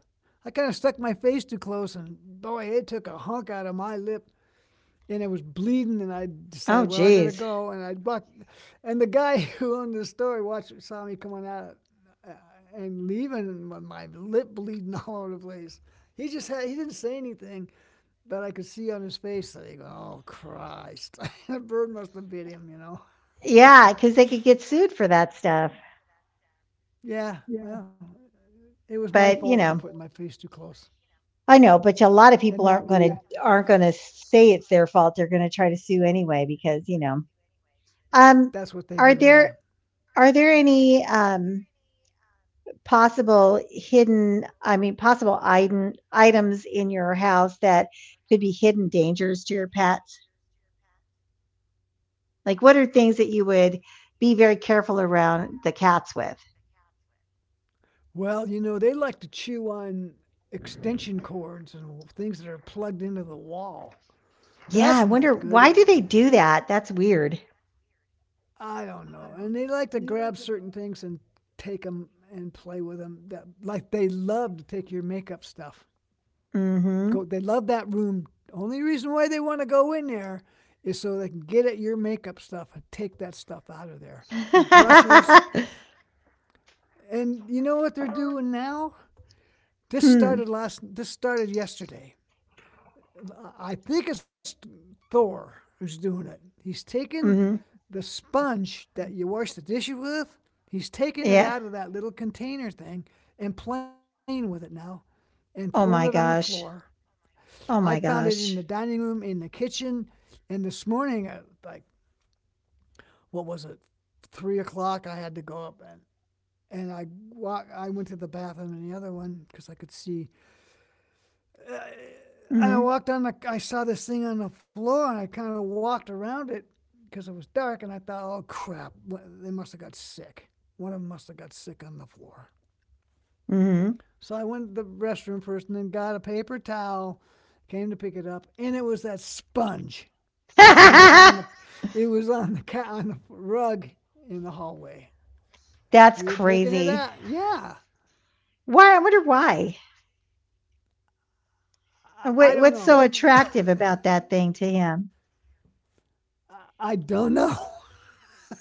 S2: I kind of stuck my face close, and boy, it took a hunk out of my lip and it was bleeding and I decided,
S1: Oh,
S2: well, I better
S1: geez.
S2: go, and I walked and the guy who owned the store watched saw me coming out, uh, and leaving with my lip bleeding all over the place. He just had He didn't say anything, but I could see on his face that he go, "Oh Christ, the bird must have bit him," you know.
S1: Yeah, because they could get sued for that stuff.
S2: Yeah, well, it was my
S1: But you
S2: fault for
S1: know,
S2: putting my face too close
S1: I know, but a lot of people
S2: and
S1: aren't
S2: not
S1: gonna,
S2: re.
S1: aren't gonna say it's their fault. They're gonna try to sue anyway because, you know. Um,
S2: That's what they
S1: are
S2: do. Yeah.
S1: there, are there any, um, possible hidden, I mean, possible item items in your house that could be hidden dangers to your pets? Like, what are things that you would be very careful around the cats with?
S2: Well, you know, they like to chew on extension cords and things that are plugged into the wall. That's
S1: Yeah, I
S2: not
S1: wonder
S2: good.
S1: why
S2: eh,
S1: do they do that? That's weird.
S2: I don't know. And they like to grab certain things and take them and play with them. That, like, they love to take your makeup stuff. Go.
S1: Mhm.
S2: They love that room. Only reason why they want to go in there is so they can get at your makeup stuff and take that stuff out of there. Your brushes. And you know what they're doing now? This
S1: Hmm.
S2: started last. This started yesterday. uh, I think it's Thor who's doing it. He's taking
S1: Mhm.
S2: the sponge that you wash the dishes with. He's taking it
S1: Yeah.
S2: out of that little container thing and playing with it now and throwing
S1: Oh
S2: it on
S1: my
S2: the
S1: gosh.
S2: floor. I
S1: Oh my
S2: found it in the
S1: gosh.
S2: dining room, in the kitchen, and this morning, like what was it, three o'clock, I had to go up and and I walk. I went to the bathroom in the other one because I could see. And I
S1: Hmm.
S2: walked on the, I saw this thing on the floor and I kind of walked around it because it was dark and I thought, oh crap, they must have got sick. One of them must have got sick on the floor.
S1: Hmm.
S2: So I went to the restroom first and then got a paper towel, came to pick it up, and it was that sponge. It was on the, it was on the ca- on the rug in the hallway.
S1: That's
S2: He had taken it
S1: crazy.
S2: out. Yeah,
S1: Why? I wonder why. Uh,
S2: I, I
S1: What,
S2: don't
S1: what's
S2: know.
S1: so attractive about that thing to him?
S2: I, I don't know.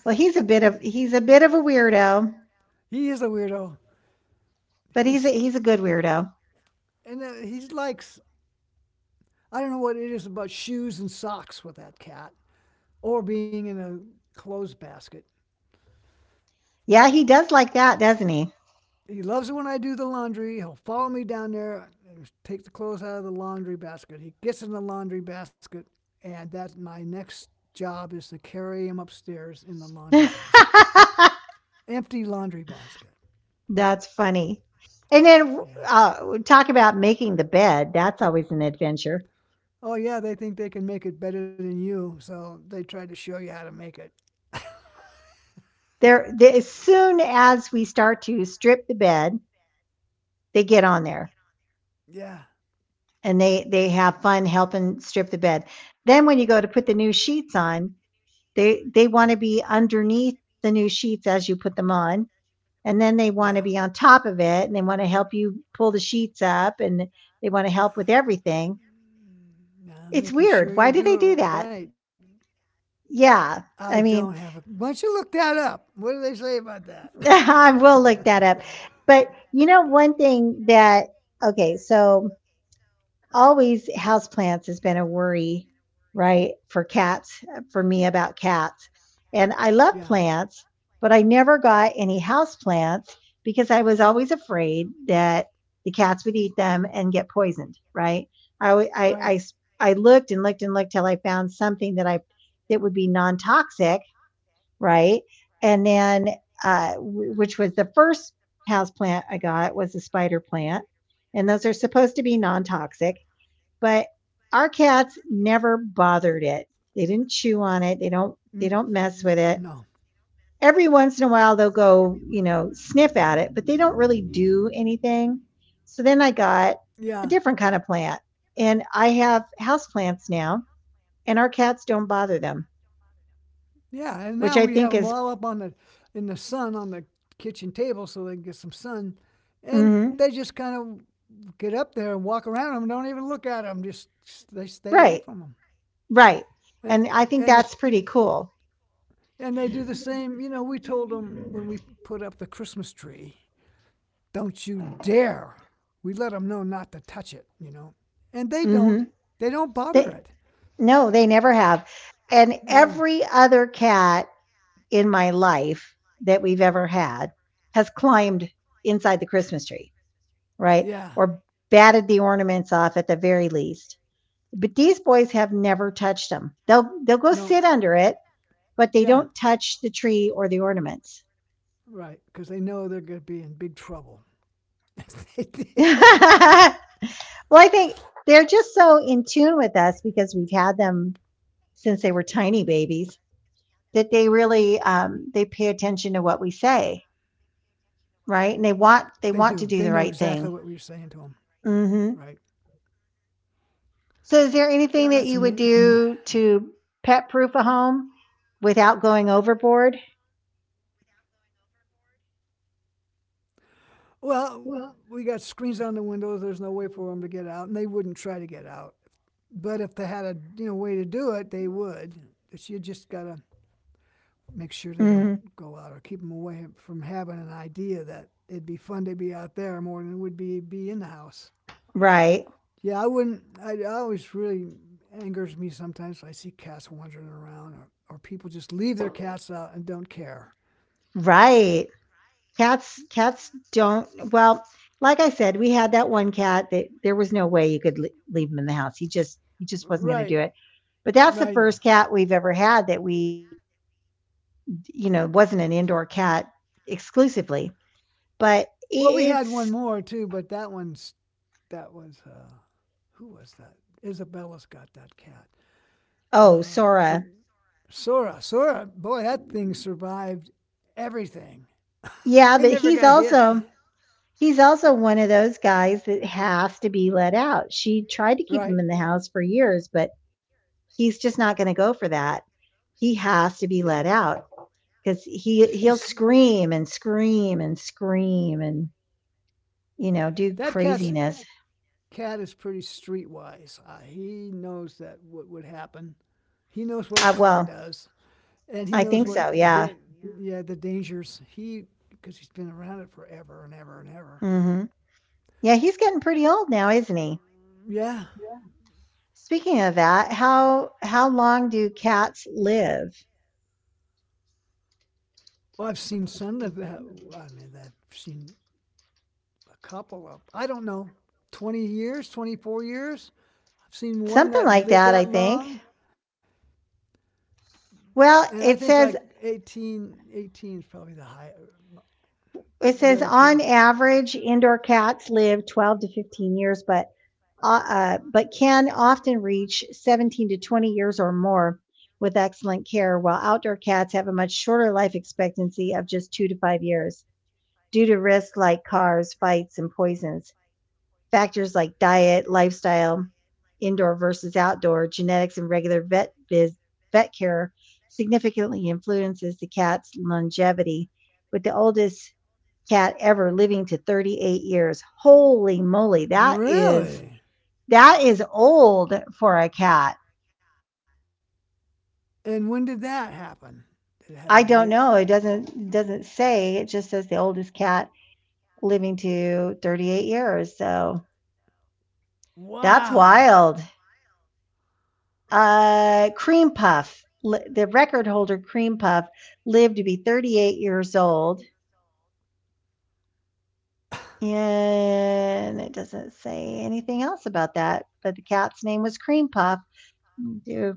S1: Well, he's a bit of he's a bit of a weirdo,
S2: He is a weirdo.
S1: but he's
S2: He's
S1: a, he's a good weirdo.
S2: And uh, he's like, I don't know what it is about shoes and socks with that cat or being in a clothes basket.
S1: Yeah, he does like that, doesn't he?
S2: He loves it when I do the laundry. He'll follow me down there, take the clothes out of the laundry basket. He gets in the laundry basket, and that's my next job is to carry him upstairs in the laundry basket. Empty laundry basket.
S1: That's funny. And then
S2: Yeah.
S1: uh, talk about making the bed. That's always an adventure.
S2: Oh, yeah, they think they can make it better than you, so they try to show you how to make it.
S1: There, the As soon as we start to strip the bed, they get on there,
S2: Yeah,
S1: and they they have fun helping strip the bed. Then when you go to put the new sheets on, they they want to be underneath the new sheets as you put them on, and then
S2: yeah.
S1: they want to be on top of it, and they want to help you pull the sheets up, and they want to help with everything.
S2: Yeah,
S1: It's
S2: making sure
S1: weird.
S2: you
S1: Why do
S2: do it
S1: they do
S2: right.
S1: that?
S2: I
S1: Yeah,
S2: don't have a.
S1: I
S2: Why
S1: mean,
S2: don't you look that up? What do they say about that?
S1: I will look that up. But you know, one thing that okay, so always houseplants has been a worry, right? For cats, uh, for me, about cats. And I love
S2: Yeah.
S1: plants, but I never got any houseplants because I was always afraid that the cats would eat them and get poisoned, right? I, wa- I,
S2: Right.
S1: I s- I looked and looked and looked till I found something that I, that would be non-toxic, right? And then, uh, w- which was the first house plant I got was a spider plant. And those are supposed to be non-toxic, but our cats never bothered it. They didn't chew on
S2: Mm,
S1: it. They don't they don't
S2: no.
S1: mess with it. Every once in a while they'll go, you know, sniff at it, but they don't really do anything. So then I got
S2: Yeah.
S1: a different kind of plant. And I have house plants now, and our cats don't bother them,
S2: Yeah, and
S1: which I
S2: now we
S1: think
S2: have
S1: is,
S2: them all up on the in the sun on the kitchen table so they can get some sun, and
S1: mhm,
S2: they just kind of get up there and walk around and don't even look at them. Just they stay away
S1: right,
S2: from them,
S1: right. And I think
S2: and the,
S1: that's pretty cool.
S2: and they do the same. You know, we told them when we put up the Christmas tree, don't you dare. We let them know not to touch it, you know. And they
S1: Hmm.
S2: don't. They don't
S1: They,
S2: bother it.
S1: no, they never have. And
S2: No.
S1: every other cat in my life that we've ever had has climbed inside the Christmas tree, right?
S2: Yeah.
S1: Or batted the ornaments off at the very least. But these boys have never touched them. They'll they'll go
S2: No.
S1: sit under it, but they
S2: Yeah.
S1: don't touch the tree or the ornaments.
S2: Right. Because they know they're going to be in big trouble. They did.
S1: Well, I think they're just so in tune with us because we've had them since they were tiny babies, that they really um, they pay attention to what we say,
S2: They
S1: right?
S2: do.
S1: And they want they want to
S2: They
S1: do the
S2: know
S1: right
S2: exactly
S1: thing.
S2: what we are saying to them.
S1: Hmm.
S2: Right.
S1: So is there anything that you
S2: Yeah,
S1: would
S2: that's amazing.
S1: do to pet proof a home without going overboard?
S2: Well, we got screens on the windows. There's no way for them to get out, and they wouldn't try to get out. But if they had a you know way to do it, they would. But you just gotta make sure they
S1: Mm,
S2: don't go out or keep them away from having an idea that it'd be more than it would be be in the house.
S1: right.
S2: Yeah, I wouldn't. I, I always really angers me sometimes when I see cats wandering around, or, or people just leave their cats out and don't care.
S1: Right. Cats cats don't, well, like I said, we had that one cat that there was no way you could le- leave him in the house. He just he just wasn't going to
S2: Right,
S1: do it. But that's the
S2: right.
S1: first cat we've ever had that we, you know, wasn't an indoor cat exclusively. But i-
S2: Well, we had one
S1: it's
S2: more too, but that one's that was, uh, who was that? Isabella's got that cat.
S1: oh,
S2: Uh, the
S1: Sora.
S2: Sora, Sora, boy, that thing survived everything.
S1: Yeah,
S2: He
S1: but
S2: never
S1: he's
S2: got hit.
S1: also, he's also one of those guys that has to be let out. She tried to keep him
S2: Right.
S1: in the house for years, but he's just not going to go for that. He has to be
S2: Yeah.
S1: let out because he he'll
S2: He's
S1: scream and scream and scream and you know do
S2: that cat's
S1: craziness.
S2: Cat is pretty streetwise. Uh, he knows that what would happen. He knows what a
S1: Uh,
S2: car
S1: well,
S2: does, and he
S1: I
S2: knows
S1: think
S2: what,
S1: so. Yeah.
S2: da- yeah, the dangers. He Because he's been around it forever and ever and ever. But
S1: Hmm. Yeah, he's getting pretty old now, isn't he?
S2: yeah.
S1: Speaking of that, how how long do cats live?
S2: Well, I've seen some of that. I mean, I've seen a couple of, I don't know, twenty years, twenty-four years. I've seen one
S1: Something
S2: that
S1: like
S2: lived
S1: that, I
S2: that
S1: think.
S2: long. And I
S1: Well,
S2: think
S1: it
S2: like
S1: says
S2: eighteen, eighteen is probably the high,
S1: It says
S2: rare case.
S1: on average, indoor cats live twelve to fifteen years, but uh, uh, but can often reach seventeen to twenty years or more with excellent care, while outdoor cats have a much shorter life expectancy of just two to five years due to risks like cars, fights, and poisons. Factors like diet, lifestyle, indoor versus outdoor, genetics, and regular vet vis- vet care significantly influences the cat's longevity, with the oldest cat ever living to thirty-eight years. Holy moly, that is
S2: Really?
S1: that is old for a cat.
S2: And when did that happen? Did it have a date?
S1: I don't know. It doesn't doesn't say. It just says the oldest cat living to thirty-eight years. So that's
S2: Wow.
S1: wild.
S2: That's wild.
S1: Uh, Cream Puff, li- the record holder Cream Puff, lived to be thirty-eight years old. And it doesn't say anything else about that. But the cat's name was Cream Puff. Mm, do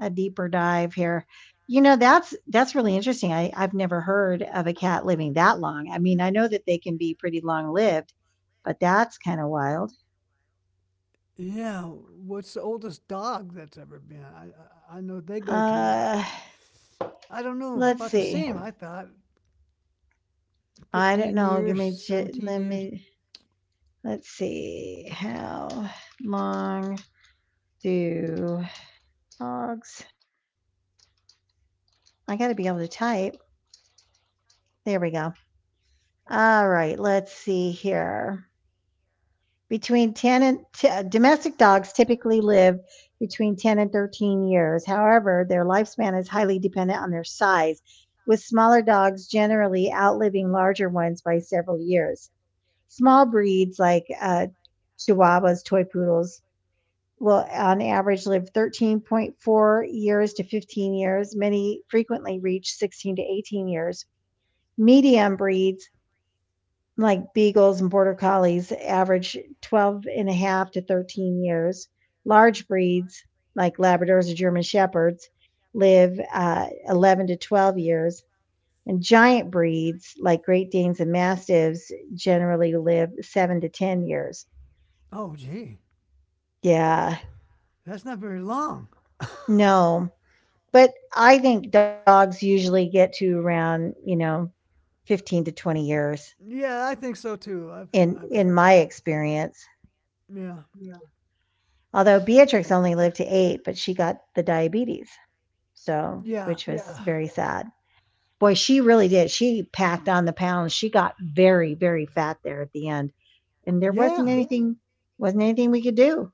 S1: a deeper dive here. You know, that's that's really interesting. I, I've never heard of a cat living that long. I mean, I know that they can be pretty long lived, but that's kind of wild.
S2: Yeah, what's the oldest dog that's ever been? I I know they go to.
S1: Uh,
S2: I don't know
S1: let's
S2: about the
S1: see.
S2: same. I thought
S1: I don't
S2: fifteen
S1: know. Give
S2: years,
S1: me j-
S2: seventeen
S1: let
S2: years.
S1: me, let's see. How long do dogs? I got to be able to type. There we go. All right, let's see here. Between ten and t- Domestic dogs typically live between ten and thirteen years. However, their lifespan is highly dependent on their size, with smaller dogs generally outliving larger ones by several years. Small breeds like uh, Chihuahuas, toy poodles, will on average live thirteen point four years to fifteen years. Many frequently reach sixteen to eighteen years. Medium breeds like beagles and border collies average twelve and a half to thirteen years. Large breeds like Labradors or German Shepherds live uh, eleven to twelve years. And giant breeds like Great Danes and Mastiffs generally live seven to ten years.
S2: Oh, gee,
S1: Yeah,
S2: that's not very long.
S1: no. But I think dogs usually get to around, you know, fifteen to twenty years
S2: Yeah, I think so too. I've
S1: in
S2: I've heard
S1: in
S2: of
S1: my
S2: that.
S1: experience.
S2: Yeah.
S1: Although Beatrix only lived to eight, but she got the diabetes,
S2: Uh,
S1: so
S2: yeah,
S1: which was
S2: uh,
S1: yeah, very sad. Boy, she really did. She packed on the pounds. She got very, very fat there at the end, and there wasn't
S2: yeah.
S1: anything wasn't anything we could do,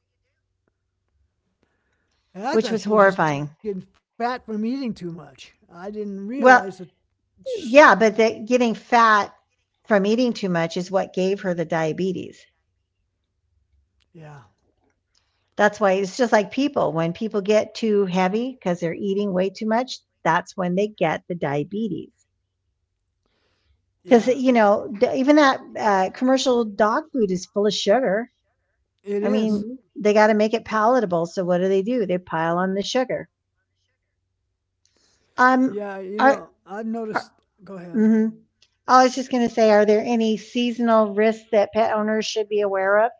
S2: And I
S1: which
S2: thought
S1: was
S2: she was just getting
S1: horrifying.
S2: fat from eating too much. I didn't realize that.
S1: Well,
S2: Sh-
S1: yeah, but the, getting fat from eating too much is what gave her the diabetes.
S2: yeah,
S1: That's why it's just like people. When people get too heavy because they're eating way too much, that's when they get the diabetes.
S2: yeah,
S1: Because you know d- even that uh, commercial dog food is full of sugar.
S2: it
S1: I mean,
S2: is.
S1: mhm, they got to make it palatable, so what do they do? They pile on the sugar. Um
S2: Yeah, you
S1: are,
S2: know, I've
S1: are
S2: noticed. Go ahead.
S1: mhm. I was just going to say, are there any seasonal risks that pet owners should be aware of?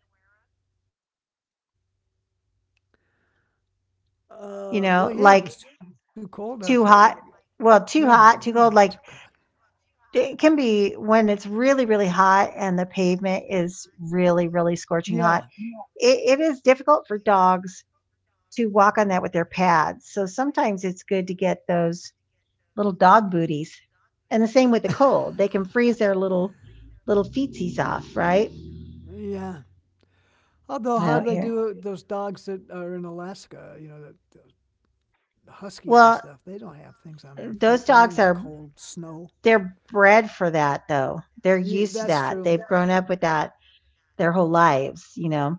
S2: Uh, well,
S1: You
S2: yeah, it
S1: know,
S2: was too
S1: like
S2: cold outside.
S1: too hot.
S2: Well, no,
S1: Well,
S2: not too
S1: too
S2: cold.
S1: hot, too cold, like it can be when it's really, really hot and the pavement is really, really
S2: Yeah.
S1: scorching hot. It, it is difficult for dogs to walk on that with their pads. So sometimes it's good to get those little dog booties. And the same with the cold. They can freeze their little little feetsies off, right?
S2: Yeah. Although, how do
S1: Out
S2: they
S1: here.
S2: do it? Those dogs that are in Alaska, you know, the, the huskies and
S1: Well,
S2: stuff, they don't have things on their feet
S1: those
S2: and they're in
S1: dogs
S2: the
S1: are
S2: cold snow.
S1: they're bred for that though. They're used
S2: Yeah,
S1: to
S2: that's
S1: that. They've
S2: true.
S1: grown up with that their whole lives, you know.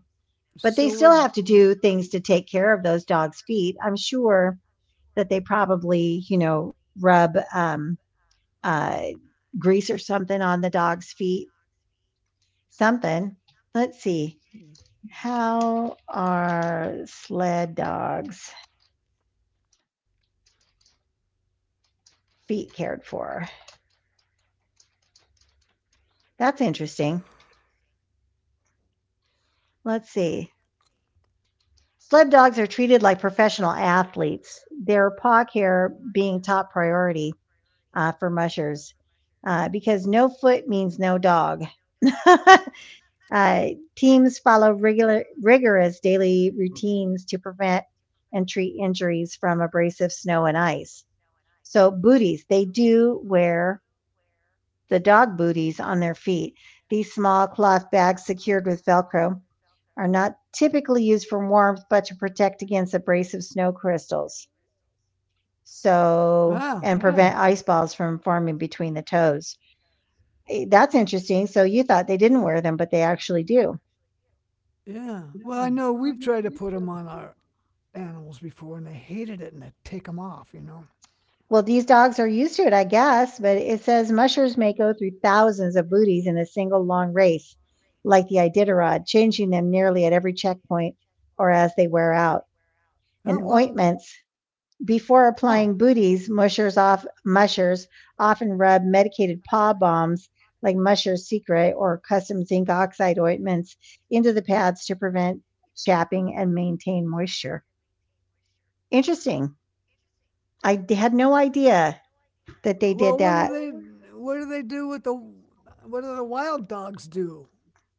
S1: But they
S2: So,
S1: still have to
S2: would-
S1: do things to take care of those dogs' feet. I'm sure that they probably, you know, rub um, uh, grease or something on the dog's feet, something. Let's see. How are sled dogs' feet cared for? That's interesting. Let's see. Sled dogs are treated like professional athletes, their paw care being top priority, uh, for mushers, uh, because no foot means no dog. uh, teams follow regular, rigorous daily routines to prevent and treat injuries from abrasive snow and ice. So, booties, they do wear the dog booties on their feet. These small cloth bags secured with Velcro are not typically used for warmth, but to protect against abrasive snow crystals. So,
S2: Wow.
S1: and prevent, oh, ice balls from forming between the toes. Eh, that's interesting. So, you thought they didn't wear them, but they actually do.
S2: Yeah. Well, I know we've tried to put them on our animals before, and they hated it, and they take them off. You know.
S1: Well, these dogs are used to it, I guess, but it says mushers may go through thousands of booties in a single long race, like the Iditarod, changing them nearly at every checkpoint or as they wear out. And
S2: Oh wow.
S1: ointments. Before applying booties, mushers off mushers often rub medicated paw balms like Musher's Secret or custom zinc oxide ointments into the pads to prevent chapping and maintain moisture. Interesting. I d- had no idea that they
S2: Well, what
S1: did
S2: do
S1: that.
S2: they? What do they do with the? What do the wild dogs do?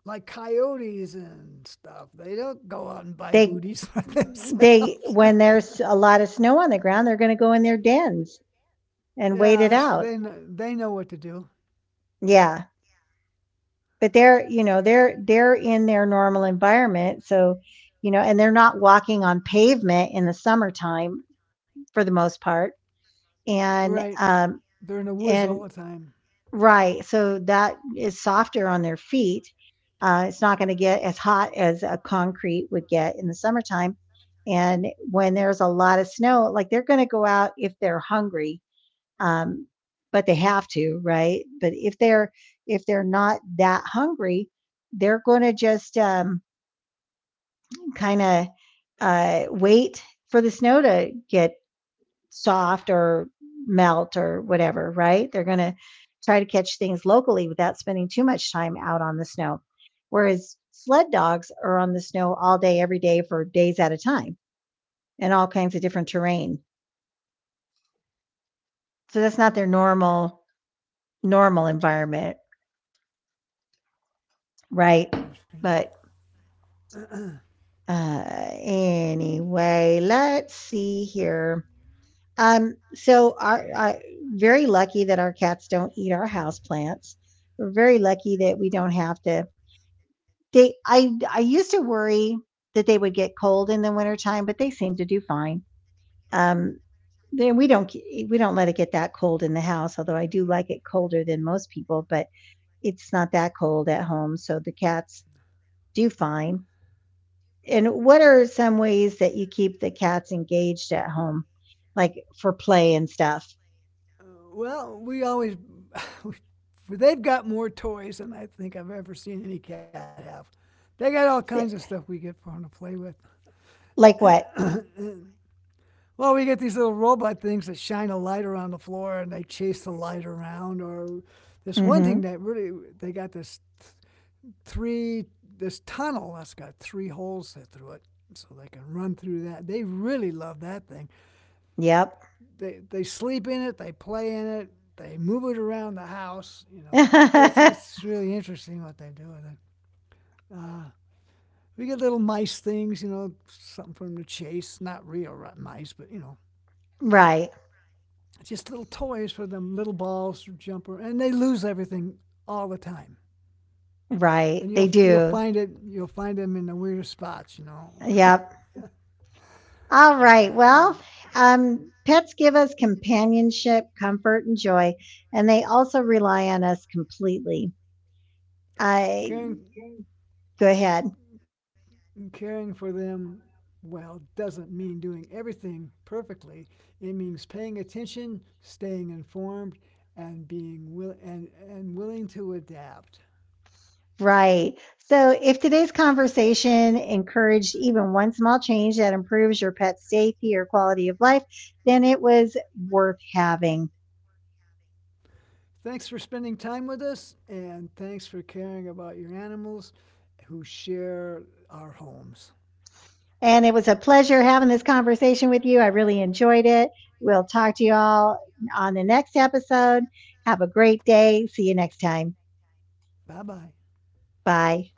S2: Like coyotes and stuff. They don't go out and buy
S1: They
S2: booties for
S1: they
S2: themselves.
S1: when there's a lot of snow on the ground, they're going to go in their dens and wait
S2: Yeah,
S1: it
S2: that's-
S1: out.
S2: they know, they know what to do.
S1: Yeah. But they're, you know, they're they're in their normal environment, so, you know, and they're not walking on pavement in the summertime for the most part.
S2: Right.
S1: And
S2: They're in
S1: um
S2: the woods all the
S1: and
S2: time.
S1: right, so that is softer on their feet. Uh, it's not going to get as hot as a concrete would get in the summertime. And when there's a lot of snow, like they're going to go out if they're hungry, um, but they have to, right? But if they're if they're not that hungry, they're going to just um, kind of uh, wait for the snow to get soft or melt or whatever, right? They're going to try to catch things locally without spending too much time out on the snow. Whereas sled dogs are on the snow all day, every day for days at a time and all kinds of different terrain. So that's not their normal normal environment,
S2: Mm hmm.
S1: right?
S2: That's
S1: But
S2: interesting. uh,
S1: Uh, anyway, let's see here. Um, so our, I very lucky that our cats don't eat our house plants. We're very lucky that we don't have to. They, I, I used to worry that they would get cold in the wintertime, but they seem to do fine. Um, then we don't ge- we don't let it get that cold in the house, although I do like it colder than most people, but it's not that cold at home, so the cats do fine. And what are some ways that you keep the cats engaged at home, like for play and stuff?
S2: Well, we always they've got more toys than I think I've ever seen any cat have. They got all kinds of stuff we
S1: S-
S2: get for them to play with.
S1: Like what?
S2: Well, we get these little robot things that shine a light around the floor, chase the light around. Or this one
S1: Mm-hmm.
S2: thing that really they got this three this tunnel that's got three holes set through it, so they can run through that. They really love that thing.
S1: Yep.
S2: They they sleep in it, they play in it, they move it around the house. You know, it's it's really interesting what they do with it. Uh, we get little mice things, you know, something for them to chase. Not real mice, but you know,
S1: Right.
S2: just little toys for them, little balls to jump around, and they lose everything all the time.
S1: Right.
S2: And
S1: They
S2: you'll you'll
S1: do.
S2: find it. You'll find them in the weirdest spots, you know.
S1: Yep. All
S2: Yeah,
S1: right.
S2: it's
S1: Well,
S2: pretty.
S1: um, pets give us companionship, comfort, and joy, and they also rely on us completely. I
S2: Karen,
S1: go ahead.
S2: and caring for them well doesn't mean doing everything perfectly. It means paying attention, staying informed, and being will- and, and willing to adapt.
S1: Right. So if today's conversation encouraged even one small change that improves your pet's safety or quality of life, then it was worth having.
S2: Thanks for spending time with us, and thanks for caring about your animals who share our homes.
S1: And it was a pleasure having this conversation with you. I really enjoyed it. We'll talk to you all on the next episode. Have a great day. See you next time.
S2: Bye bye.
S1: Bye.